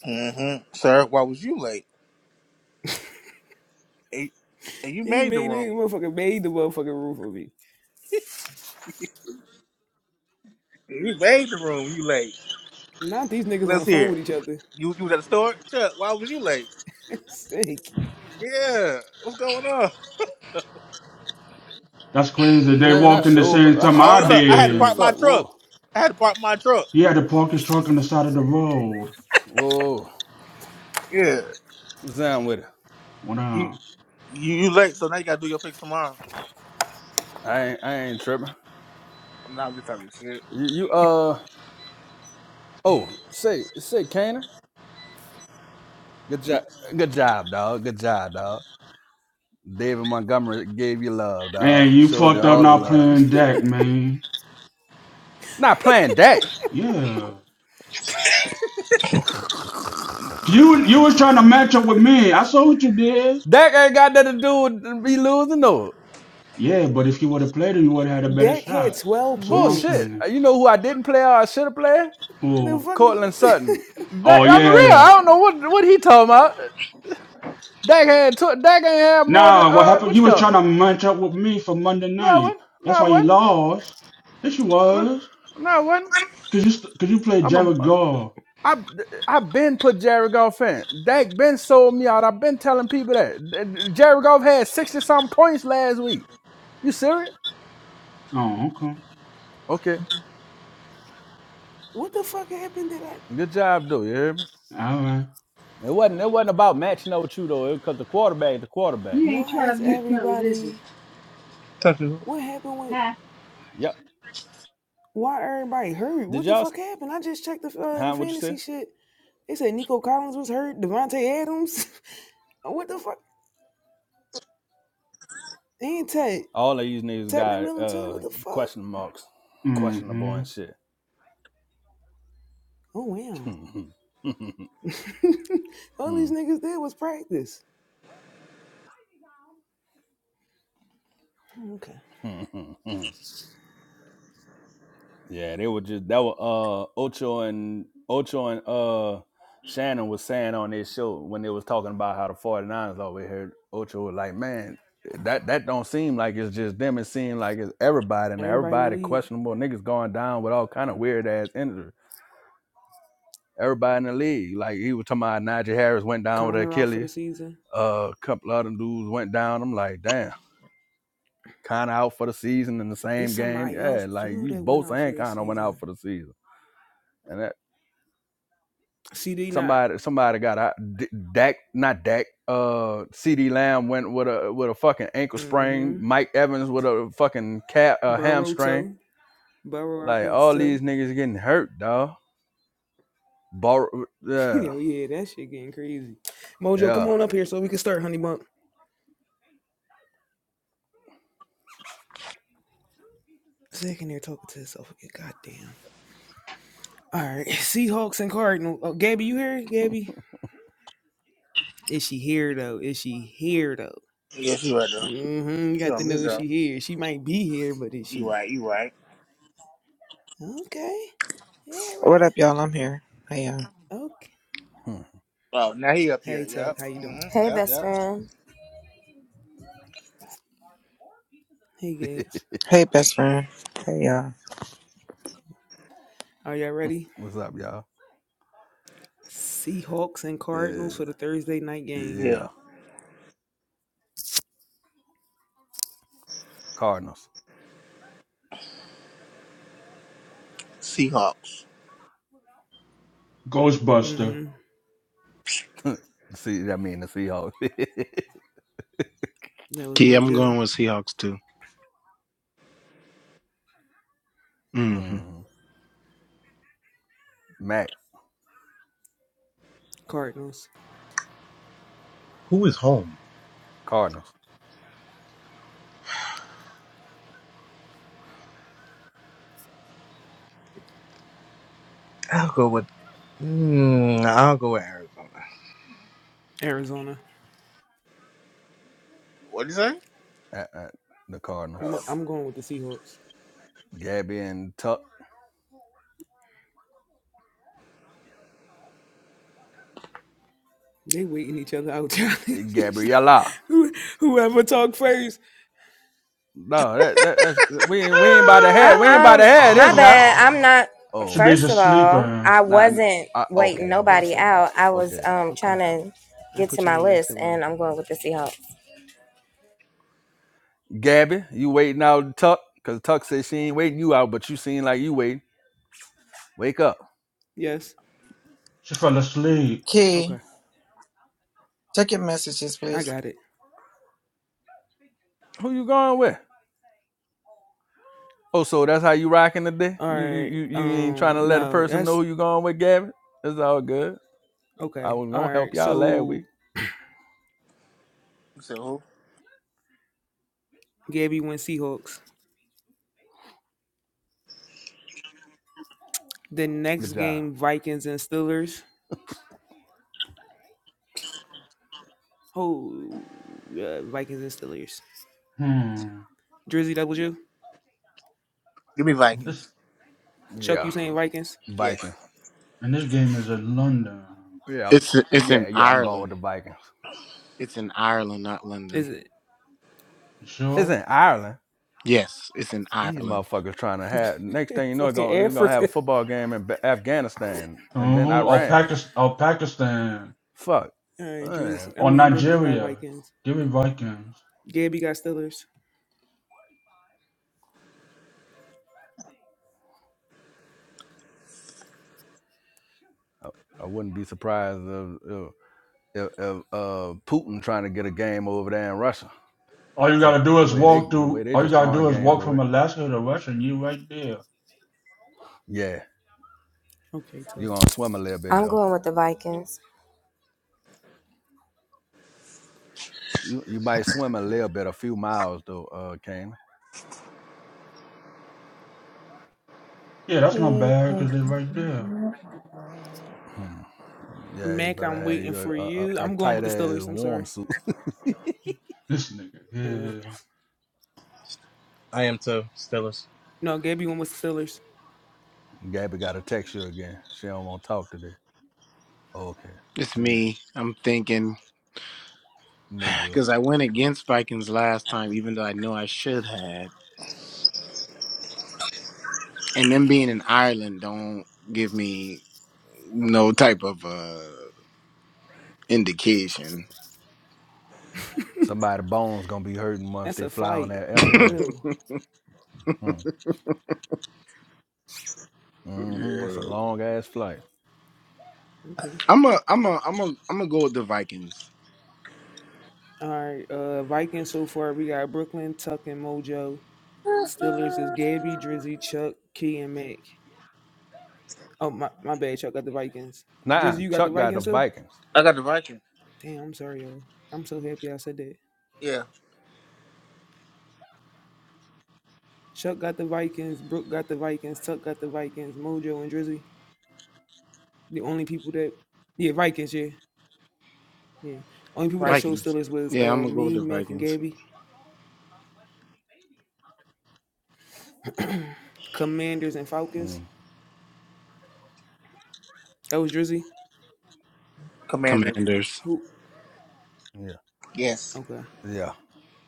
Speaker 1: Mm-hmm. Sir, why was you late? And, and you
Speaker 2: He
Speaker 1: made the
Speaker 2: made me
Speaker 1: room.
Speaker 2: motherfucker made the motherfucking roof of me.
Speaker 1: You made the room, you late.
Speaker 2: Not these niggas on the
Speaker 1: Let's
Speaker 2: phone
Speaker 1: hear
Speaker 2: with
Speaker 1: it.
Speaker 2: each other.
Speaker 1: You you was at the store? Chuck, why was you late?
Speaker 2: Sick.
Speaker 1: Yeah. What's going on?
Speaker 4: That's crazy. They
Speaker 5: Man, I
Speaker 4: walked in the
Speaker 5: sure,
Speaker 4: same
Speaker 5: I
Speaker 4: time
Speaker 5: should,
Speaker 1: Oh
Speaker 4: I
Speaker 1: look,
Speaker 5: I'm
Speaker 1: I had to
Speaker 5: busy as
Speaker 1: park
Speaker 4: did.
Speaker 1: my
Speaker 5: fuck.
Speaker 1: truck.
Speaker 5: Whoa,
Speaker 1: I had to park my truck.
Speaker 4: He had to park his truck on the side of the road.
Speaker 5: whoa,
Speaker 1: Yeah.
Speaker 5: what's down with it?
Speaker 4: What
Speaker 1: You
Speaker 4: up?
Speaker 1: You you late, so now you gotta do your picks tomorrow.
Speaker 5: I ain't, I ain't tripping. You, you, uh, oh, say, say, Kana, good job, good job, dog, good job, dog. David Montgomery gave you love, dog.
Speaker 4: And you
Speaker 5: Showed you
Speaker 4: fucked up
Speaker 5: all the
Speaker 4: not
Speaker 5: love.
Speaker 4: playing deck, man.
Speaker 5: Not playing Dak.
Speaker 4: Yeah. You you was trying to match up with me. I saw what you did.
Speaker 5: Dak ain't got nothing to do with me losing, no
Speaker 4: Yeah, but if you would have played him, you would have had a better
Speaker 2: Dak had
Speaker 4: shot.
Speaker 2: 12
Speaker 4: That's all I'm
Speaker 5: bullshit.
Speaker 2: points.
Speaker 4: saying.
Speaker 5: Uh, You know who I didn't play or I should have played?
Speaker 2: The
Speaker 4: Oh,
Speaker 5: Cortland
Speaker 2: fuck
Speaker 5: Sutton.
Speaker 4: oh
Speaker 5: Dak, on the real,
Speaker 4: yeah.
Speaker 5: I don't know what what he talking about. Dak had tw- Dak ain't had more than
Speaker 4: Nah, what
Speaker 5: uh,
Speaker 4: happened?
Speaker 5: what
Speaker 4: He
Speaker 5: you
Speaker 4: was
Speaker 5: call
Speaker 4: trying
Speaker 5: him?
Speaker 4: to match up with me for Monday
Speaker 5: No, one,
Speaker 4: night. That's
Speaker 5: No,
Speaker 4: why he
Speaker 5: one,
Speaker 4: lost. Yes, you was.
Speaker 5: No, one.
Speaker 4: Cause you st- cause you played
Speaker 5: I'm a.
Speaker 4: Jared Goff.
Speaker 5: I I've been put Jared Goff in. Dak been sold me out. I've been telling people that Jared Goff had sixty something points last week. You serious?
Speaker 4: Oh, okay.
Speaker 5: Okay,
Speaker 2: what the fuck happened that I
Speaker 5: good job, though. You hear me?
Speaker 4: All right.
Speaker 5: It wasn't. It wasn't about matching up with you though, because the quarterback, the quarterback.
Speaker 2: why is everybody
Speaker 6: Doctor,
Speaker 2: what happened with
Speaker 5: Yep.
Speaker 2: Why everybody hurt?
Speaker 5: Did
Speaker 2: What the
Speaker 5: y'all?
Speaker 2: fuck happened? I just checked the uh, the
Speaker 5: Huh? What you
Speaker 2: fantasy
Speaker 5: say?
Speaker 2: shit. They said Nico Collins was hurt. Devontae Adams. what the fuck? And Ted.
Speaker 5: All of these niggas
Speaker 2: Ted
Speaker 5: got
Speaker 2: McMillan too.
Speaker 5: uh
Speaker 2: What the fuck?
Speaker 5: question marks, questionable
Speaker 4: Mm-hmm.
Speaker 5: and shit.
Speaker 2: Oh wow. All these
Speaker 5: Hmm,
Speaker 2: niggas did was practice. Okay.
Speaker 5: hmm, hmm, hmm, hmm. Yeah, they were just that were uh Ocho and Ocho and uh Shannon was saying on their show when they was talking about how the 49ers always heard Ocho was like, Man, that that don't seem like it's just them, it seems like it's everybody and
Speaker 2: Everybody in the
Speaker 5: everybody
Speaker 2: league.
Speaker 5: questionable niggas going down with all kind of weird ass injuries. Everybody in the league. Like he was talking about Najee Harris went down with
Speaker 2: Connor out for the
Speaker 5: Achilles,
Speaker 2: season.
Speaker 5: uh, a couple other dudes went down. I'm like, damn, kinda out for the season in the
Speaker 2: It's
Speaker 5: same game.
Speaker 2: somebody else
Speaker 5: Yeah, like
Speaker 2: too
Speaker 5: you
Speaker 2: that went
Speaker 5: both
Speaker 2: out for
Speaker 5: and
Speaker 2: the
Speaker 5: kinda went out
Speaker 2: season.
Speaker 5: for the season. And that
Speaker 2: CD not.
Speaker 5: Somebody, somebody got out. D- Dak, not Dak. Uh, C.D. Lamb went with a with a fucking ankle sprain.
Speaker 2: Mm-hmm.
Speaker 5: Mike Evans with a fucking cat uh,
Speaker 2: Burrow
Speaker 5: hamstring.
Speaker 2: toe. Burrow out
Speaker 5: Like
Speaker 2: because
Speaker 5: all
Speaker 2: of
Speaker 5: these
Speaker 2: toe.
Speaker 5: niggas getting hurt, dog. Bar- yeah,
Speaker 2: Yo, yeah, that shit getting crazy. Mojo, come
Speaker 5: yeah.
Speaker 2: on up here so we can start, honey bun. Second, they're talking to herself again. Goddamn. All right. Seahawks and Cardinals. Oh, Gabby, you here? Gabby? Is she here, though? Is she here, though?
Speaker 1: Yeah, she right there.
Speaker 2: Mm-hmm. You
Speaker 1: She
Speaker 2: got to
Speaker 1: on
Speaker 2: know
Speaker 1: mute
Speaker 2: if
Speaker 1: though.
Speaker 2: she here. She might be here, but is
Speaker 1: You
Speaker 2: she?
Speaker 1: right, you right.
Speaker 2: Okay. Yeah,
Speaker 7: What
Speaker 2: right.
Speaker 7: up, y'all? I'm here. Hey, y'all.
Speaker 2: Okay.
Speaker 5: Hmm.
Speaker 1: Oh, now he up here.
Speaker 2: Hey, Tuck.
Speaker 1: Yep.
Speaker 2: How you doing?
Speaker 1: Mm-hmm.
Speaker 3: Hey,
Speaker 1: Yep.
Speaker 3: best
Speaker 1: Yep.
Speaker 3: friend.
Speaker 2: Hey, guys.
Speaker 7: Hey, best friend. Hey, y'all.
Speaker 2: Are y'all ready?
Speaker 5: What's up, y'all?
Speaker 2: Seahawks and
Speaker 5: Yeah,
Speaker 2: Cardinals for the Thursday night game.
Speaker 1: Yeah.
Speaker 5: yeah. Cardinals.
Speaker 1: Seahawks.
Speaker 4: Ghostbuster.
Speaker 2: Mm-hmm.
Speaker 5: See, I mean the Seahawks.
Speaker 2: That was
Speaker 8: Yeah, I'm
Speaker 2: Mojo.
Speaker 8: going with Seahawks too. hmm
Speaker 5: hmm Mac
Speaker 2: Cardinals.
Speaker 6: who is home?
Speaker 5: Cardinals.
Speaker 6: I'll go with. Mm, I'll go with Arizona.
Speaker 2: Arizona.
Speaker 1: What'd you say?
Speaker 5: Uh, uh, the Cardinals.
Speaker 2: I'm,
Speaker 1: Oh.
Speaker 2: I'm going with the Seahawks.
Speaker 5: Gabby and Tuck.
Speaker 2: They waiting each other out. Charlie.
Speaker 5: Gabriella.
Speaker 2: Who, whoever talk first.
Speaker 5: No, that, that that's we ain't we ain't by the head. we ain't
Speaker 4: Ah!
Speaker 5: by
Speaker 3: I,
Speaker 5: the
Speaker 3: um,
Speaker 5: head,
Speaker 3: my
Speaker 5: is not.
Speaker 3: bad. I'm not.
Speaker 5: Oh,
Speaker 4: she be a
Speaker 5: okay.
Speaker 3: First of all,
Speaker 4: sleeper.
Speaker 3: I
Speaker 5: Nah,
Speaker 3: wasn't
Speaker 5: I,
Speaker 3: waiting
Speaker 5: okay, all
Speaker 2: I'm
Speaker 5: right,
Speaker 3: nobody
Speaker 2: sorry.
Speaker 3: out. I was
Speaker 5: okay.
Speaker 3: um
Speaker 2: Okay.
Speaker 3: trying to
Speaker 2: I
Speaker 3: get to
Speaker 2: put your
Speaker 3: my
Speaker 2: name next
Speaker 3: list,
Speaker 2: to mine.
Speaker 3: and I'm going with the Seahawks.
Speaker 5: Gabby, you waiting out Tuck? Cause Tuck said she ain't waiting you out, but you seem like you waiting. Wake up.
Speaker 2: Yes.
Speaker 4: She fell asleep.
Speaker 7: Key,
Speaker 2: Okay.
Speaker 7: check your messages,
Speaker 2: I
Speaker 7: please.
Speaker 2: got it.
Speaker 5: Who you going with? Oh, so that's how you rocking today?
Speaker 2: All
Speaker 5: You you
Speaker 2: right.
Speaker 5: you you ain't
Speaker 2: Um,
Speaker 5: trying to let a
Speaker 2: no,
Speaker 5: person know
Speaker 2: that's
Speaker 5: who you going with, Gabby? It's all good. I
Speaker 2: okay.
Speaker 5: was
Speaker 2: All
Speaker 5: gonna help
Speaker 2: right.
Speaker 5: y'all last
Speaker 2: So
Speaker 5: week.
Speaker 1: You said who?
Speaker 2: Gabby went Seahawks. The next
Speaker 5: Good job.
Speaker 2: game, Vikings and Steelers. Oh, uh, Vikings and Steelers?
Speaker 4: Hmm.
Speaker 2: Drizzy, that was you.
Speaker 1: Give me
Speaker 4: This
Speaker 1: Vikings.
Speaker 2: Chuck, you
Speaker 5: Yeah,
Speaker 2: saying Vikings?
Speaker 1: Yes.
Speaker 5: Vikings.
Speaker 4: and this game is in London.
Speaker 5: Yeah, I'm-
Speaker 8: It's it's in
Speaker 5: yeah, yeah. I'm going with
Speaker 8: Ireland.
Speaker 5: the Vikings.
Speaker 8: It's in Ireland, not London.
Speaker 2: Is it
Speaker 4: You
Speaker 5: It's
Speaker 4: sure?
Speaker 5: in Ireland.
Speaker 8: Yes, it's in
Speaker 5: These
Speaker 8: Ireland.
Speaker 5: motherfuckers trying to have. Next thing you know,
Speaker 2: fucking
Speaker 5: going they're gonna have a
Speaker 2: Africa?
Speaker 5: football game in Ba- Afghanistan and then
Speaker 4: Uh-huh. Or
Speaker 5: Iran.
Speaker 4: Pakistan. Or Pakistan.
Speaker 5: Fuck.
Speaker 2: All right, Drizzy.
Speaker 5: Man,
Speaker 2: I
Speaker 4: Or
Speaker 2: mean, Brooklyn got
Speaker 4: Nigeria.
Speaker 2: Vikings.
Speaker 4: Give me Vikings.
Speaker 2: Gabby got Steelers.
Speaker 5: I, I wouldn't be surprised if, if, if, if uh, Putin trying to get a game over there in Russia.
Speaker 4: All you
Speaker 5: Fuck
Speaker 4: gotta do
Speaker 5: the
Speaker 4: is
Speaker 5: way they
Speaker 4: walk
Speaker 5: the way
Speaker 4: through.
Speaker 5: they
Speaker 4: All you
Speaker 5: just
Speaker 4: gotta
Speaker 5: throwing
Speaker 4: do is
Speaker 5: games
Speaker 4: walk
Speaker 5: away.
Speaker 4: from Alaska to Russia, and you right there.
Speaker 5: Yeah,
Speaker 2: Okay,
Speaker 5: you
Speaker 2: tough.
Speaker 5: gonna swim a little bit
Speaker 3: I'm
Speaker 5: though.
Speaker 3: going with the Vikings.
Speaker 5: You you might swim a little bit, a few miles though, uh, Kane.
Speaker 4: Yeah, that's not bad because they're right there.
Speaker 5: Hmm. Yeah, you
Speaker 2: Mac,
Speaker 5: better
Speaker 2: I'm
Speaker 5: have
Speaker 2: waiting
Speaker 5: your
Speaker 2: for
Speaker 5: a,
Speaker 2: you.
Speaker 5: a, a
Speaker 2: I'm going
Speaker 5: tight
Speaker 2: with the
Speaker 5: ass
Speaker 2: Steelers. I'm
Speaker 5: warm
Speaker 2: sorry.
Speaker 5: suit.
Speaker 4: This nigga
Speaker 2: All right.
Speaker 4: here,
Speaker 6: I am too. Steelers.
Speaker 2: No, Gabby went with the
Speaker 5: Gabby got to text you again. She don't want to talk today. Okay.
Speaker 8: It's
Speaker 5: She ain't
Speaker 8: me. I'm thinking
Speaker 5: Mojo.
Speaker 8: because I went against Vikings last time, even though I know I should had. And them being in Ireland don't give me no type of uh indication.
Speaker 2: Steelers.
Speaker 5: Somebody bones gonna be hurting once
Speaker 2: That's
Speaker 5: they
Speaker 2: a
Speaker 5: fly on
Speaker 2: flight
Speaker 5: that
Speaker 2: for
Speaker 5: airplane.
Speaker 2: real.
Speaker 5: Hmm. Mm-hmm. That's
Speaker 8: yeah,
Speaker 5: a long ass flight.
Speaker 2: Okay.
Speaker 8: I'm a I'm a I'm a I'm gonna go with the Vikings.
Speaker 2: All right. Uh, Vikings so far we got Brooklyn, Tuck, and Mojo. Steelers is Gabby,
Speaker 1: I
Speaker 2: Drizzy, Chuck, Key, and Mac. Oh my, my bad. Chuck got the Vikings.
Speaker 5: Nah,
Speaker 2: Drizzy, you got the
Speaker 5: Chuck got the
Speaker 2: Vikings too.
Speaker 5: Vikings.
Speaker 1: got the Vikings.
Speaker 2: Damn, I'm sorry, y'all. I'm so happy I said that.
Speaker 1: Yeah.
Speaker 2: Chuck got the Vikings. Brooke got the Vikings. Tuck got the Vikings. Mojo and Drizzy. The only people that yeah Vikings yeah yeah only people that
Speaker 1: Vikings.
Speaker 2: showed
Speaker 8: Vikings.
Speaker 2: Steelers was
Speaker 8: Yeah, I'm
Speaker 2: uh
Speaker 8: gonna go with
Speaker 2: me,
Speaker 8: the
Speaker 2: Mac, and
Speaker 8: Vikings.
Speaker 2: Gabby. Commanders and Falcons.
Speaker 5: Mm.
Speaker 2: That was Drizzy.
Speaker 1: Commanders.
Speaker 8: Commanders,
Speaker 2: Who?
Speaker 5: Yeah.
Speaker 1: Yes.
Speaker 2: Okay.
Speaker 5: Yeah.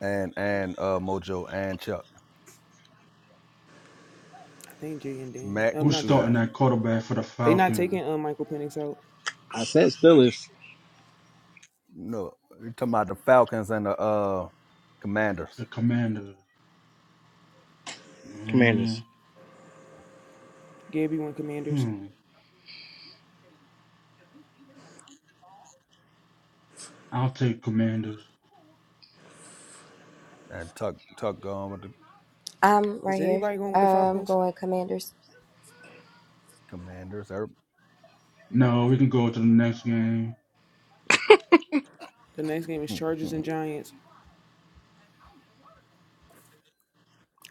Speaker 5: And and uh Mojo and Chuck.
Speaker 2: I think Jay and Dan.
Speaker 5: Mac,
Speaker 2: Um,
Speaker 4: who's
Speaker 5: what
Speaker 2: not
Speaker 5: you
Speaker 2: Jay and
Speaker 5: got?
Speaker 4: starting
Speaker 2: Dan.
Speaker 4: that quarterback for the
Speaker 2: They not
Speaker 4: Falcons?
Speaker 2: taking um Michael Penix out.
Speaker 6: I said Steelers.
Speaker 5: No, you talking about the Falcons and the uh Commanders.
Speaker 4: The Commanders.
Speaker 6: Commanders.
Speaker 4: Mm,
Speaker 2: Gabby won Commanders.
Speaker 4: hmm. I'll take Commanders.
Speaker 5: And Tuck Tuck gone with the
Speaker 3: I'm
Speaker 2: Is
Speaker 3: right here.
Speaker 2: anybody going with the
Speaker 5: oh,
Speaker 3: I'm
Speaker 2: Falcons?
Speaker 3: going Commanders.
Speaker 5: Commanders. Er-
Speaker 4: No, we can go to the next game.
Speaker 2: The next game is Chargers and Giants.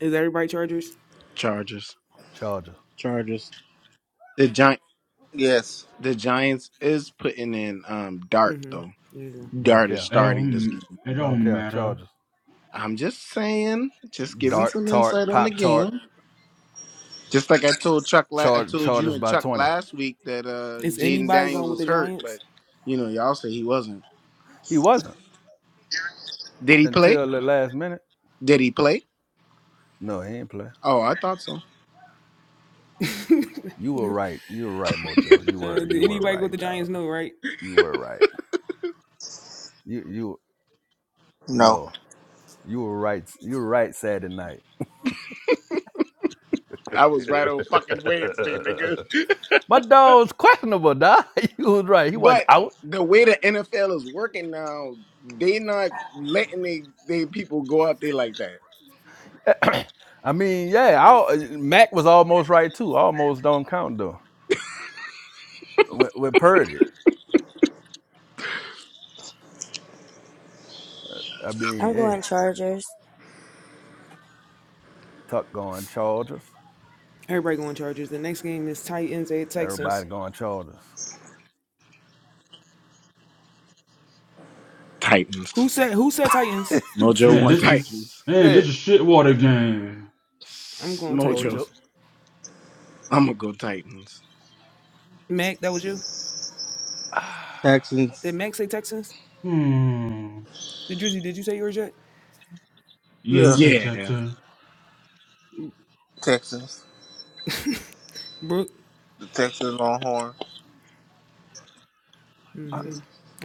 Speaker 2: Is everybody Chargers?
Speaker 8: Chargers.
Speaker 5: Chargers.
Speaker 6: Chargers.
Speaker 8: The Gi-
Speaker 1: Yes.
Speaker 8: the Giants is putting in um Dart
Speaker 2: Mm-hmm.
Speaker 8: though.
Speaker 2: There you go.
Speaker 5: Don't
Speaker 8: Dart is
Speaker 5: care.
Speaker 4: It
Speaker 8: starting this
Speaker 4: don't.
Speaker 8: game.
Speaker 4: It
Speaker 5: Don't
Speaker 4: don't
Speaker 5: care.
Speaker 4: matter.
Speaker 5: Chargers.
Speaker 8: I'm just saying, just giving
Speaker 5: Dart
Speaker 8: some
Speaker 5: Tart
Speaker 8: insight on the
Speaker 5: Pop Tart.
Speaker 8: game. Just like I told Chuck, la- I
Speaker 5: Char-
Speaker 8: told you
Speaker 5: Chargers
Speaker 8: and
Speaker 5: by
Speaker 8: Chuck
Speaker 5: 20.
Speaker 8: last week that uh
Speaker 2: Is
Speaker 8: Jaden
Speaker 2: anybody
Speaker 8: Daniels
Speaker 2: going with
Speaker 8: was
Speaker 2: the
Speaker 8: hurt, but
Speaker 2: Giants?
Speaker 8: you know y'all say he wasn't.
Speaker 5: He wasn't
Speaker 8: Did he play?
Speaker 5: until the last minute.
Speaker 8: Did he play?
Speaker 5: No, he ain't play.
Speaker 8: Oh, I thought so.
Speaker 2: uh,
Speaker 5: You were right. You were right, Mojo. You were
Speaker 2: did
Speaker 5: you were
Speaker 2: anybody go
Speaker 5: right,
Speaker 2: with the Giants?
Speaker 5: dog.
Speaker 2: No, right?
Speaker 5: You were right. You you
Speaker 1: No.
Speaker 5: no. You were right. You were right Saturday night.
Speaker 8: I was right on fucking Wednesday, nigga.
Speaker 5: My dog's questionable, dog. You was right. He wasn't
Speaker 8: But
Speaker 5: out.
Speaker 8: the way the NFL is working now, they not letting they, they people go out there like that.
Speaker 5: I mean, yeah, I, Mac was almost right too. Almost don't count though. With, with Purdy, I mean,
Speaker 3: I'm going
Speaker 5: hey,
Speaker 3: Chargers.
Speaker 5: Tuck going Chargers.
Speaker 2: Everybody going Chargers. The next game is Titans at Texans.
Speaker 5: Everybody going Chargers.
Speaker 8: Titans.
Speaker 2: Who said Who said Titans?
Speaker 8: Mojo
Speaker 4: Man,
Speaker 8: want
Speaker 4: this is.
Speaker 8: Titans.
Speaker 4: Man, this
Speaker 5: Shit.
Speaker 4: is shitwater game.
Speaker 2: I'm going
Speaker 8: Mojo.
Speaker 5: Mojo.
Speaker 2: Texans.
Speaker 8: I'm gonna go Titans.
Speaker 2: Mac, that was you.
Speaker 5: I-
Speaker 2: Did
Speaker 6: Texans.
Speaker 2: Mac say Texans?
Speaker 4: Hmm.
Speaker 2: Did Drizzy? Did you say yours yet?
Speaker 4: Yeah,
Speaker 1: Yeah.
Speaker 4: he
Speaker 2: All
Speaker 4: said
Speaker 8: Yeah.
Speaker 4: Texans.
Speaker 1: Texans.
Speaker 2: right. Brooke.
Speaker 1: The Texans Longhorn.
Speaker 2: Mm-hmm.